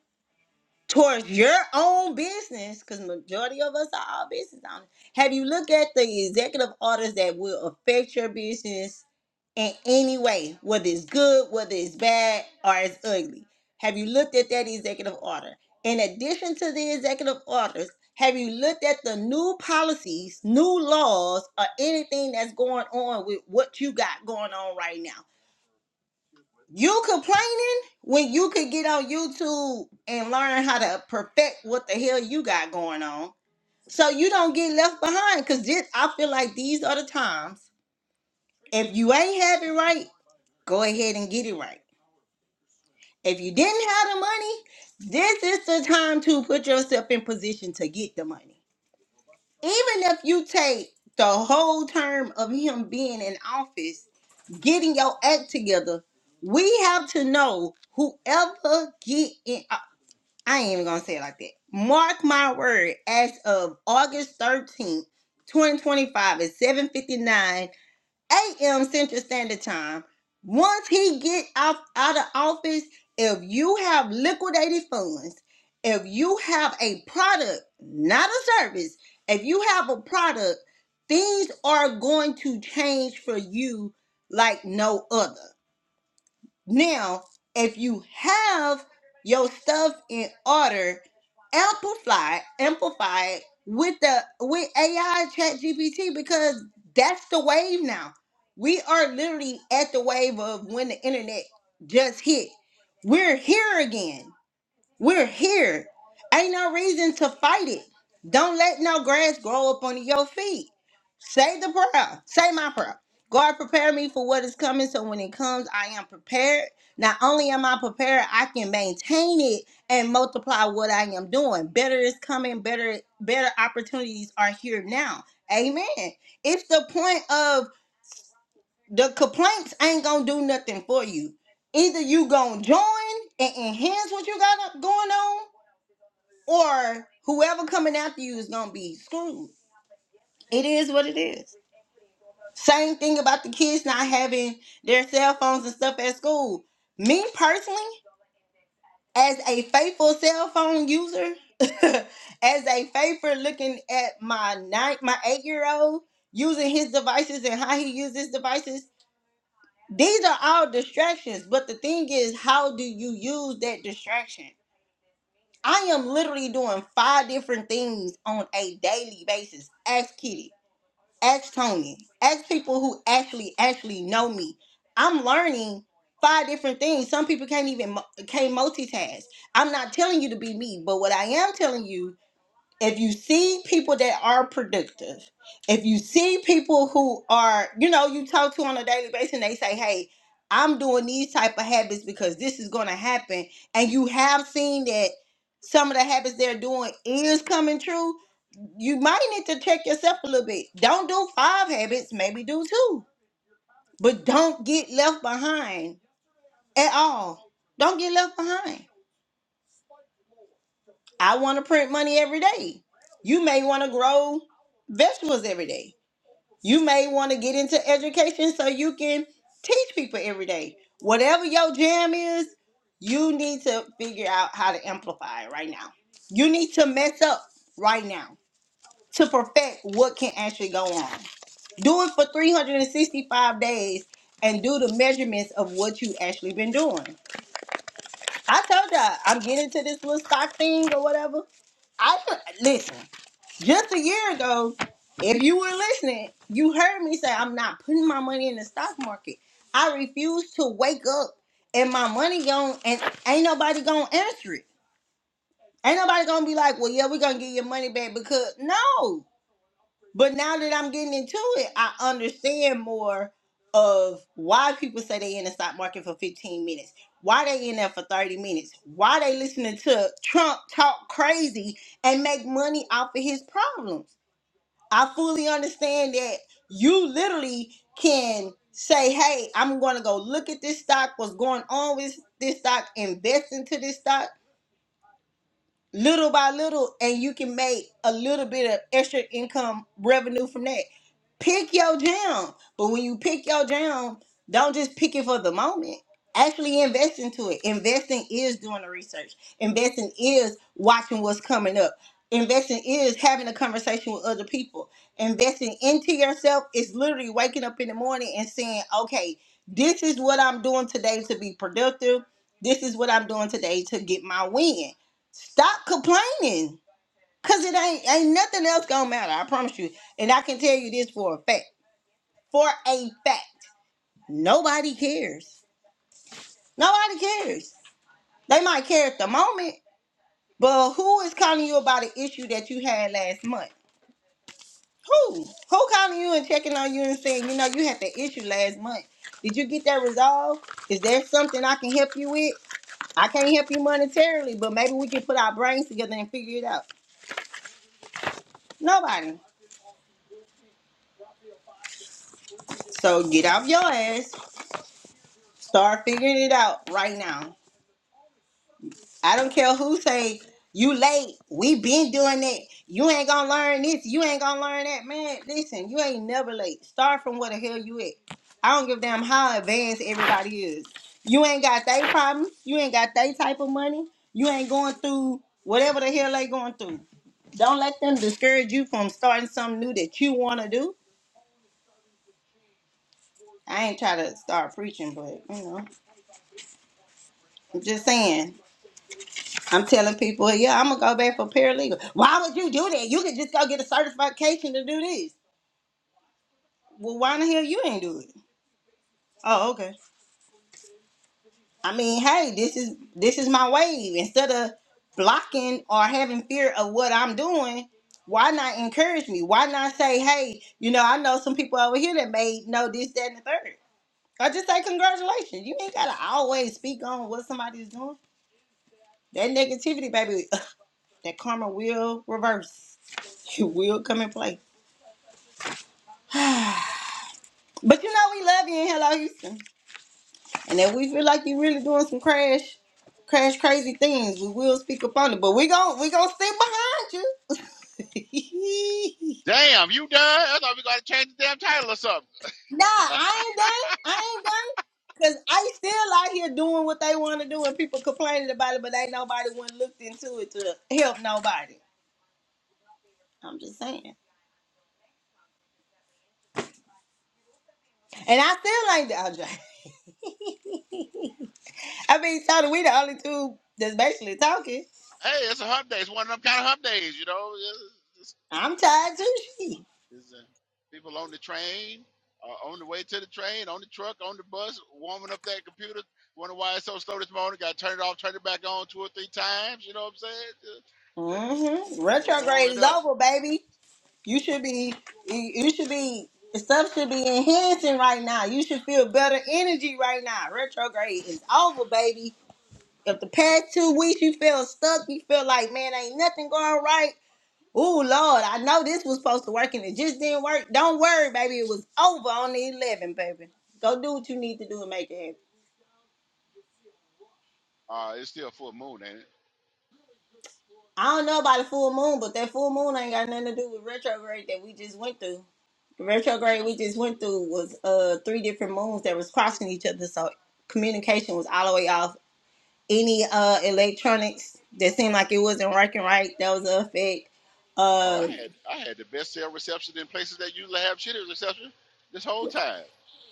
Speaker 2: towards your own business, because majority of us are all business owners, have you looked at the executive orders that will affect your business in any way, whether it's good, whether it's bad, or it's ugly? Have you looked at that executive order? In addition to the executive orders, have you looked at the new policies, new laws, or anything that's going on with what you got going on right now? You complaining when you could get on YouTube and learn how to perfect what the hell you got going on so you don't get left behind. Because this, I feel like these are the times. If you ain't have it right, go ahead and get it right. If you didn't have the money, this is the time to put yourself in position to get the money. Even if you take the whole term of him being in office, getting your act together, we have to know whoever get in. uh, I ain't even gonna say it like that. Mark my word, as of August 13th, 2025 at 7:59 a.m. Central Standard Time. Once he get out out of office, if you have liquidated funds, if you have a product, not a service, if you have a product, things are going to change for you like no other. Now, if you have your stuff in order, amplify, amplify it with the with AI chat GPT because that's the wave now. We are literally at the wave of when the internet just hit. We're here again. We're here. Ain't no reason to fight it. Don't let no grass grow up under your feet. Say the prayer. Say my prayer. God prepare me for what is coming so when it comes, I am prepared. Not only am I prepared, I can maintain it and multiply what I am doing. Better is coming, better better opportunities are here now. Amen. It's the point of the complaints ain't gonna do nothing for you. Either you gonna join and enhance what you got up going on, or whoever coming after you is gonna be screwed. It is what it is. Same thing about the kids not having their cell phones and stuff at school. Me personally, as a faithful cell phone user, [laughs] as a faithful looking at my nine, my eight year old using his devices and how he uses his devices, these are all distractions. But the thing is, how do you use that distraction? I am literally doing five different things on a daily basis. Ask Kitty, ask Tony, ask people who actually actually know me. I'm learning five different things. Some people can't even mu- can't multitask. I'm not telling you to be me, but what I am telling you if you see people that are productive, if you see people who are, you know, you talk to on a daily basis and they say, hey, I'm doing these type of habits because this is going to happen. And you have seen that some of the habits they're doing is coming true. You might need to check yourself a little bit. Don't do five habits, maybe do two, but don't get left behind at all. Don't get left behind I want to print money every day. You may want to grow vegetables every day. You may want to get into education so you can teach people every day. Whatever your jam is, you need to figure out how to amplify it right now. You need to mess up right now to perfect what can actually go on. Do it for 365 days and do the measurements of what you actually been doing. I told y'all I'm getting to this little stock thing or whatever. I listen. Just a year ago, if you were listening, you heard me say I'm not putting my money in the stock market. I refuse to wake up and my money gone and ain't nobody gonna answer it. Ain't nobody gonna be like, well, yeah, we're gonna get your money back because no. But now that I'm getting into it, I understand more of why people say they in the stock market for 15 minutes, why they in there for 30 minutes, why they listening to Trump talk crazy and make money off of his problems. I fully understand that you literally can say, hey, I'm going to go look at this stock, what's going on with this stock, invest into this stock little by little and you can make a little bit of extra income revenue from that. Pick your jam. But when you pick your jam, don't just pick it for the moment. Actually invest into it. Investing is doing the research. Investing is watching what's coming up. Investing is having a conversation with other people. Investing into yourself is literally waking up in the morning and saying, okay, this is what I'm doing today to be productive. This is what I'm doing today to get my win Stop complaining. Cause it ain't ain't nothing else gonna matter. I promise you. And I can tell you this for a fact. For a fact. Nobody cares. Nobody cares. They might care at the moment, but who is calling you about an issue that you had last month? Who? Who calling you and checking on you and saying, you know, you had that issue last month. Did you get that resolved? Is there something I can help you with? I can't help you monetarily, but maybe we can put our brains together and figure it out. Nobody. So get off your ass Start figuring it out right now. I don't care who say you late. We been doing it. You ain't gonna learn this. You ain't gonna learn that, man. Listen, you ain't never late. Start from where the hell you at. I don't give a damn how advanced everybody is. You ain't got they problems. You ain't got they type of money. You ain't going through whatever the hell they going through. Don't let them discourage you from starting something new that you want to do. I ain't try to start preaching, but you know, I'm just saying I'm telling people, yeah, I'm gonna go back for paralegal. Why would you do that? You could just go get a certification to do this. Well, why in the hell you ain't do it? Oh, okay. I mean, hey, this is this is my wave. Instead of blocking or having fear of what I'm doing, why not encourage me? Why not say, hey, you know, I know some people over here that may know this, that, and the third. I just say congratulations. You ain't gotta always speak on what somebody's doing. That negativity, baby, [clears throat] that karma will reverse. [laughs] It will come in play. [sighs] But you know we love you in Hello Houston. And if we feel like you really doing some crash, crash crazy things, we will speak up on it. But we gon' we gonna stick behind you. [laughs]
Speaker 3: Damn, you done? I thought we got to change the damn title or something.
Speaker 2: nah, I ain't done. I ain't done. Cause I still out here doing what they want to do, and people complaining about it, but ain't nobody one looked into it to help nobody. I'm just saying. And I still ain't the LJ. [laughs] I mean, Tony, we the only two that's basically talking.
Speaker 3: Hey, it's a hump day. It's one of them kind of hump days. You know, it's,
Speaker 2: I'm tired too. [laughs]
Speaker 3: There's uh, people on the train, uh, on the way to the train, on the truck, on the bus, warming up that computer. Wonder why it's so slow this morning. Got to turn it off, turn it back on two or three times. You know what I'm saying? Just Got to,
Speaker 2: hmm
Speaker 3: got to warm
Speaker 2: Retrograde
Speaker 3: it
Speaker 2: is
Speaker 3: up.
Speaker 2: over, baby. You should be, you you should be, stuff should be enhancing right now. You should feel better energy right now. Retrograde is over, baby. If the past two weeks you feel stuck, you feel like, man, ain't nothing going right. Ooh, Lord, I know this was supposed to work and it just didn't work. Don't worry, baby. It was over on the 11, baby. Go do what you need to do and make it happen.
Speaker 3: Uh, it's still full moon, ain't it?
Speaker 2: I don't know about the full moon, but that full moon ain't got nothing to do with retrograde that we just went through. The
Speaker 3: You sure?
Speaker 2: retrograde we just went through was uh three different moons that was crossing each other, so communication was all the way off. Any uh electronics that seemed like it wasn't working right, that was an effect.
Speaker 3: Oh, I
Speaker 2: Uh,
Speaker 3: had I had the best cell reception in places that usually have shitty reception this whole time.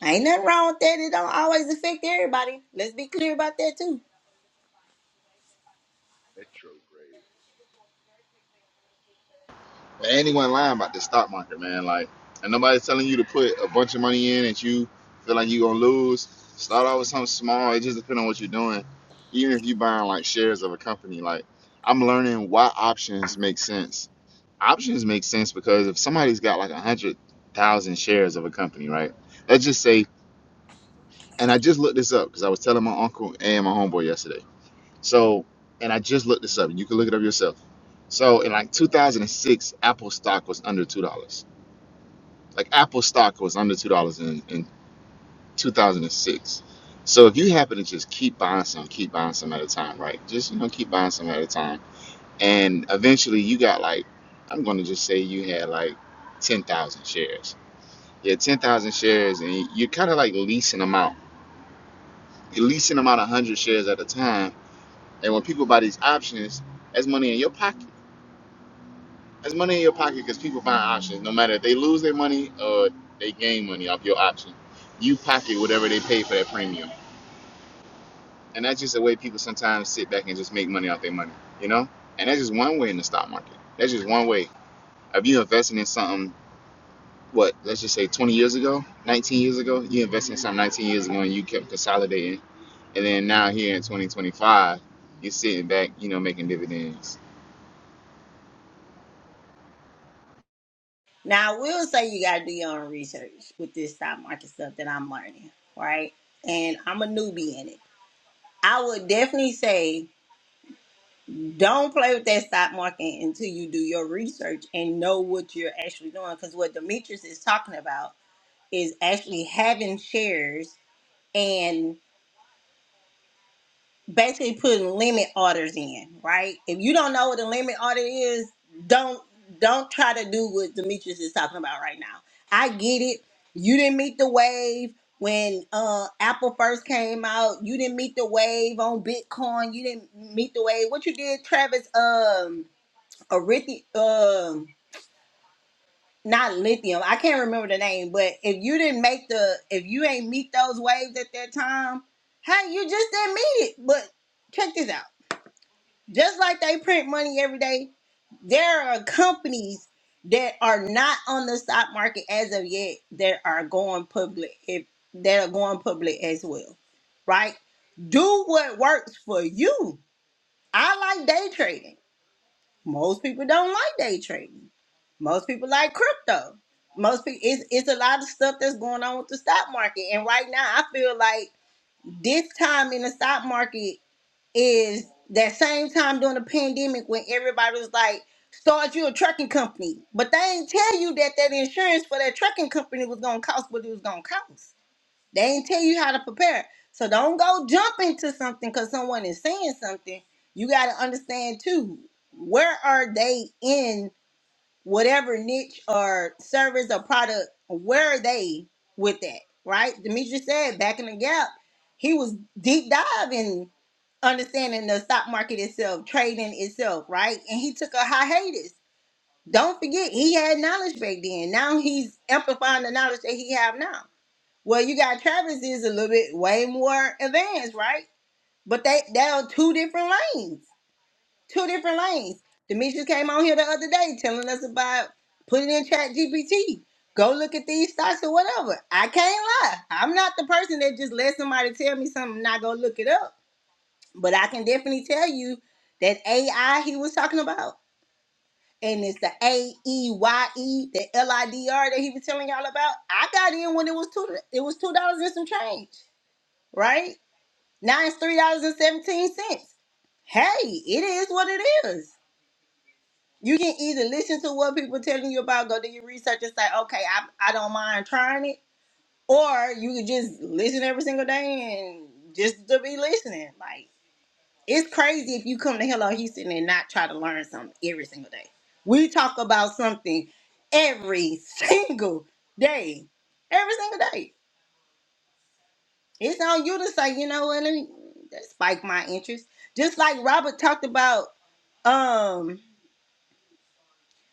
Speaker 2: ain't nothing wrong with that. It don't always affect everybody. Let's be clear about that too.
Speaker 3: Retrograde.
Speaker 4: Man, anyone lying about the stock market, man. Like, and nobody's telling you to put a bunch of money in that you feel like you're gonna lose. Start off with something small. It just depends on what you're doing. Even if you're buying like shares of a company, like I'm learning why options make sense. Options make sense because if somebody's got like a hundred thousand shares of a company, right? Let's just say, and I just looked this up because I was telling my uncle and my homeboy yesterday. So, and I just looked this up, and you can look it up yourself. So, in like 2006, Apple stock was under two dollars. Like Apple stock was under two dollars in, in 2006. So if you happen to just keep buying some, keep buying some at a time, right? Just you know, keep buying some at a time, and eventually you got like, I'm going to just say you had like 10,000 shares. Yeah, 10,000 shares, and you're kind of like leasing them out. You're leasing them out 100 shares at a time, and when people buy these options, that's money in your pocket. There's money in your pocket because people find options. No matter if they lose their money or they gain money off your option, you pocket whatever they pay for that premium. And that's just the way people sometimes sit back and just make money off their money, you know? And that's just one way in the stock market. That's just one way. If you invested in something, what, let's just say 20 years ago, 19 years ago, you invested in something 19 years ago and you kept consolidating. And then now here in 2025, you're sitting back, you know, making dividends.
Speaker 2: Now I will say you gotta do your own research with this stock market stuff that I'm learning, right? And I'm a newbie in it. I would definitely say Don't play with that stock market until you do your research and know what you're actually doing. Because what Demetrius is talking about is actually having shares and basically putting limit orders in, right? If you don't know what a limit order is, don't don't try to do what Demetrius is talking about right now. I get it. You didn't meet the wave when uh Apple first came out. You didn't meet the wave on Bitcoin. You didn't meet the wave. What you did, Travis? Um a lithium, um, not lithium. I can't remember the name, but if you didn't make the, if you ain't meet those waves at that time, hey, you just didn't meet it. But check this out. Just like they print money every day, there are companies that are not on the stock market as of yet that are going public. If that are going public as well, right? Do what works for you. I like day trading. Most people don't like day trading. Most people like crypto. Most people, it's, it's a lot of stuff that's going on with the stock market. And right now, I feel like this time in the stock market is that same time during the pandemic when everybody was like, start you a trucking company. But they ain't tell you that that insurance for that trucking company was going to cost what it was going to cost. They ain't tell you how to prepare. So don't go jump into something because someone is saying something. You got to understand too. Where are they in whatever niche or service or product? Where are they with that? Right? Demetri said back in the gap, he was deep diving, understanding the stock market itself, trading itself, right? And he took a hiatus. Don't forget, he had knowledge back then. Now he's amplifying the knowledge that he have now well, you got Travis is a little bit way more advanced, right? But they they're on two different lanes. Two different lanes. Demetrius came on here the other day telling us about put it in chat GPT. Go look at these stocks or whatever. I can't lie. I'm not the person that just let somebody tell me something and I go look it up. But I can definitely tell you that AI he was talking about. And it's the A E Y E, the L I D R that he was telling y'all about. I got in when it was two it was two dollars and some change right? Now it's three dollars and seventeen cents. Hey, it is what it is. You can either listen to what people telling you about, go do your research and say, okay, I, I don't mind trying it, or you can just listen every single day and just to be listening. Like it's crazy if you come to Hello Houston and not try to learn something every single day. We talk about something every [laughs] single day, every single day. It's on you to say, you know what, let me that spike my interest. Just like Robert talked about um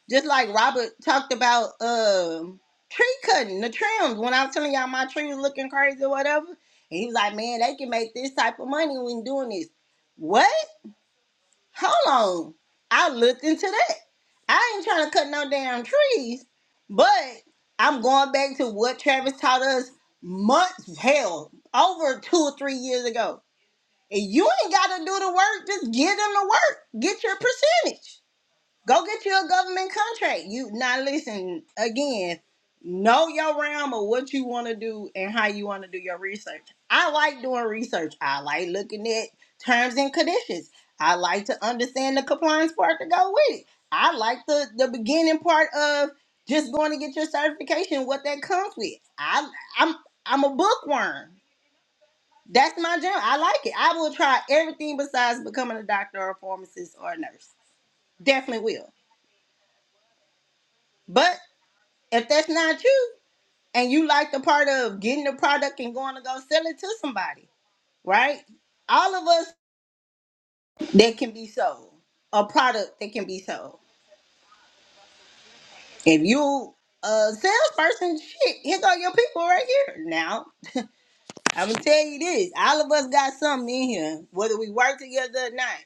Speaker 2: just like Robert talked about um tree cutting the trims when I was telling y'all my tree was looking crazy or whatever. And he was like, Man, they can make this type of money when doing this. What? Hold on. I looked into that. I ain't trying to cut no damn trees, but I'm going back to what Travis taught us months, hell, over two or three years ago and you ain't got to do the work. Just give them the work. Get your percentage. Go get you a government contract. You now listen again. Know your realm of what you want to do and how you want to do your research. I like doing research. I like looking at terms and conditions. I like to understand the compliance part to go with it. I like the the beginning part of just going to get your certification, what that comes with. I I'm I'm a bookworm. That's my job. I like it. I will try everything besides becoming a doctor or a pharmacist or a nurse. Definitely will. But if that's not you and you like the part of getting the product and going to go sell it to somebody, right? All of us that can be sold, a product that can be sold. If you a salesperson, shit, here go your people right here. Now, I'm gonna tell you this: all of us got something in here, whether we work together or not.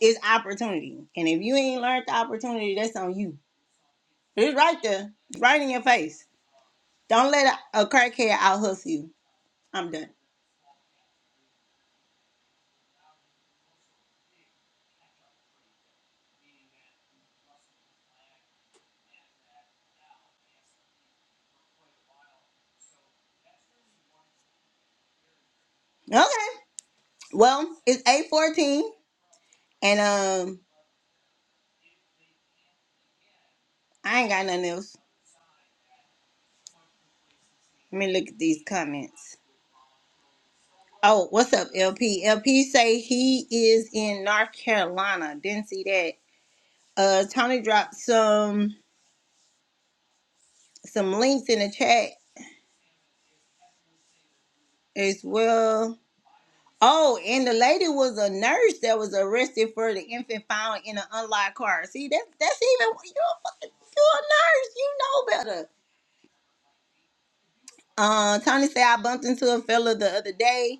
Speaker 2: It's opportunity, and if you ain't learned the opportunity, that's on you. It's right there, right in your face. Don't let a, a crackhead out hustle you. I'm done. Okay. Well, it's eight fourteen, and um, I ain't got nothing else. Let me look at these comments. Oh, what's up, LP? LP say he is in North Carolina. Didn't see that. Uh, Tony dropped some some links in the chat as well. Oh, and the lady was a nurse that was arrested for the infant found in an unlocked car. See, that that's even you're a, fucking- you're a nurse, you know better. Uh, Tony said I bumped into a fella the other day.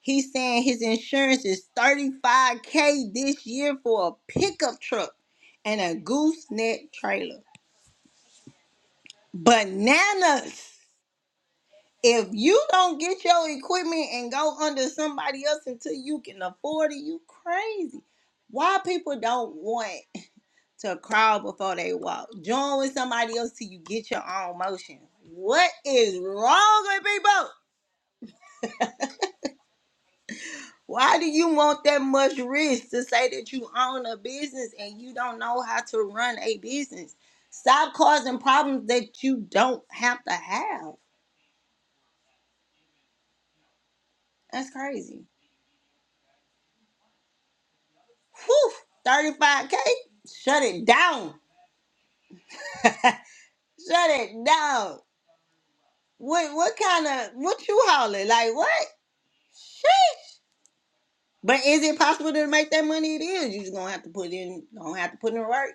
Speaker 2: He's saying his insurance is thirty five k this year for a pickup truck and a gooseneck trailer. Bananas. If you don't get your equipment and go under somebody else until you can afford it, you crazy why people don't want to crawl before they walk. Join with somebody else till you get your own motion. What is wrong with people? Why do you want that much risk to say that you own a business and you don't know how to run a business? Stop causing problems that you don't have to have. That's crazy. Whew, 35K? Shut it down. [laughs] Shut it down. What what kind of what you hauling? Like what? But is it possible to make that money? It is. You just gonna have to put in. Gonna have to put in work.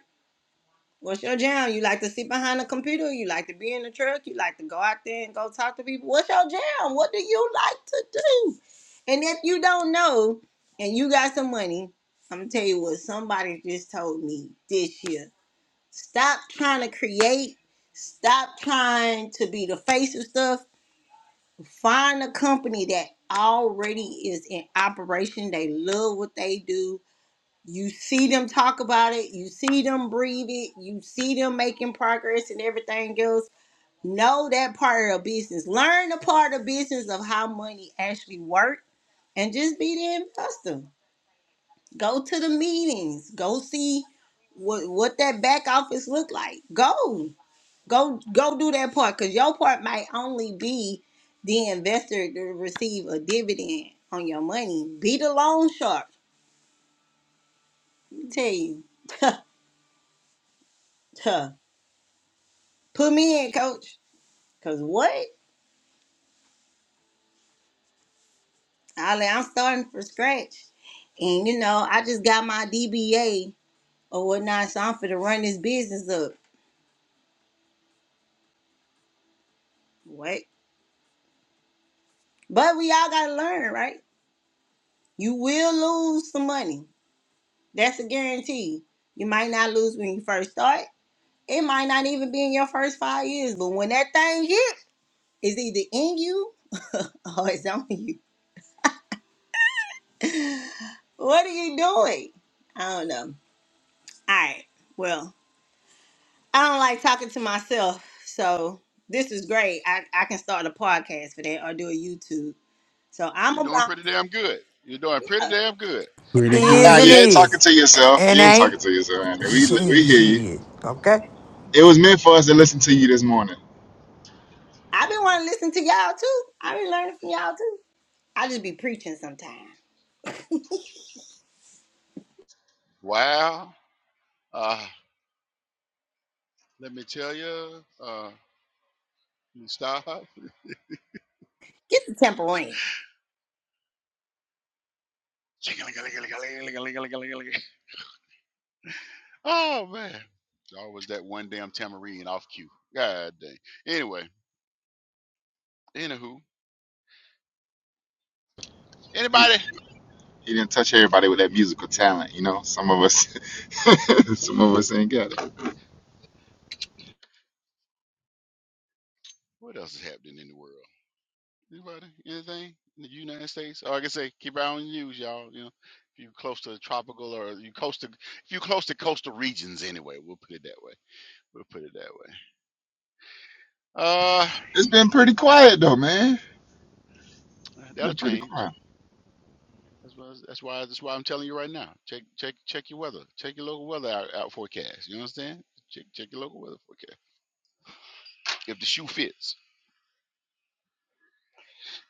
Speaker 2: What's your jam? You like to sit behind a computer? You like to be in the truck? You like to go out there and go talk to people? What's your jam? What do you like to do? And if you don't know, and you got some money, I'm gonna tell you what somebody just told me this year. Stop trying to create. Stop trying to be the face of stuff. Find a company that already is in operation. They love what they do you see them talk about it, you see them breathe it, you see them making progress and everything else. Know that part of business. Learn the part of business of how money actually works and just be the investor. Go to the meetings. Go see what what that back office look like. Go. Go go do that part because your part might only be the investor to receive a dividend on your money. Be the loan shark. Let me tell you. Huh. Put me in, coach. Cause what? I like, I'm starting from scratch. And you know, I just got my DBA or whatnot, so I'm finna run this business up. What? But we all gotta learn, right? You will lose some money. That's a guarantee. You might not lose when you first start. It might not even be in your first five years, but when that thing hit, it's either in you [laughs] or it's on you. What are you doing? I don't know. All right. Well, I don't like talking to myself, so this is great. I, I can start a podcast for that or do a YouTube. So I'm
Speaker 3: You're doing
Speaker 2: about.
Speaker 3: pretty damn good. You're doing pretty damn good.
Speaker 5: pretty
Speaker 3: [laughs]
Speaker 1: Is
Speaker 4: Nah,
Speaker 1: and
Speaker 4: you
Speaker 5: good
Speaker 4: ain't talking
Speaker 1: is.
Speaker 4: to yourself.
Speaker 1: And
Speaker 4: You ain't talking
Speaker 1: ain't.
Speaker 4: to yourself,
Speaker 1: [laughs]
Speaker 4: Andy. We, we hear you.
Speaker 1: Shit. Okay?
Speaker 4: It was meant for us to listen to you this morning.
Speaker 2: I've been wanting to listen to y'all too. I've been learning from y'all too. I just be preaching sometimes.
Speaker 3: wow. Uh, let me tell you, uh, stop.
Speaker 2: Get the temple in.
Speaker 3: [laughs] Oh man. Always that one damn tamarine off cue. God dang. Anyway, anywho.
Speaker 4: He,
Speaker 3: Anybody?
Speaker 4: he didn't touch everybody with that musical talent, you know. Some of us, [laughs] some of us ain't got it.
Speaker 3: What else is happening in the world? Anybody? Anything? In the United States? Oh, like I say, keep an eye on the news, y'all. You know, if you are close to the tropical or you close to if you close to coastal regions anyway, we'll put it that way. We'll put it that way. Uh
Speaker 4: It's been pretty quiet though, man.
Speaker 3: that'll
Speaker 4: Been pretty
Speaker 3: change.
Speaker 4: quiet.
Speaker 3: That's why. That's why. That's why I'm telling you right now. Check, check, check your weather. Check your local weather out, out forecast. You understand? Check, check your local weather forecast. If the shoe fits.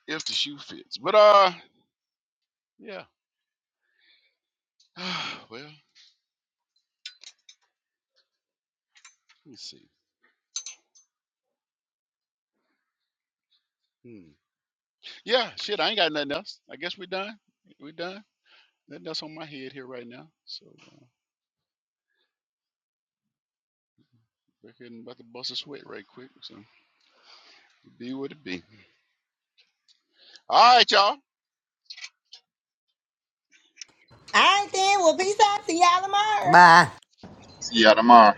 Speaker 3: If the shoe fits. But uh, yeah. [sighs] well, let me see. Hmm. Yeah. Shit. I ain't got nothing else. I guess we're done. We're done. Nothing else on my head here right now. So uh, we're getting about to bust a sweat right quick. So be what it be. All right, y'all.
Speaker 2: All right then. Well, peace out. See y'all tomorrow.
Speaker 1: Bye.
Speaker 4: See y'all tomorrow,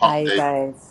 Speaker 6: Bye,
Speaker 4: day.
Speaker 6: guys.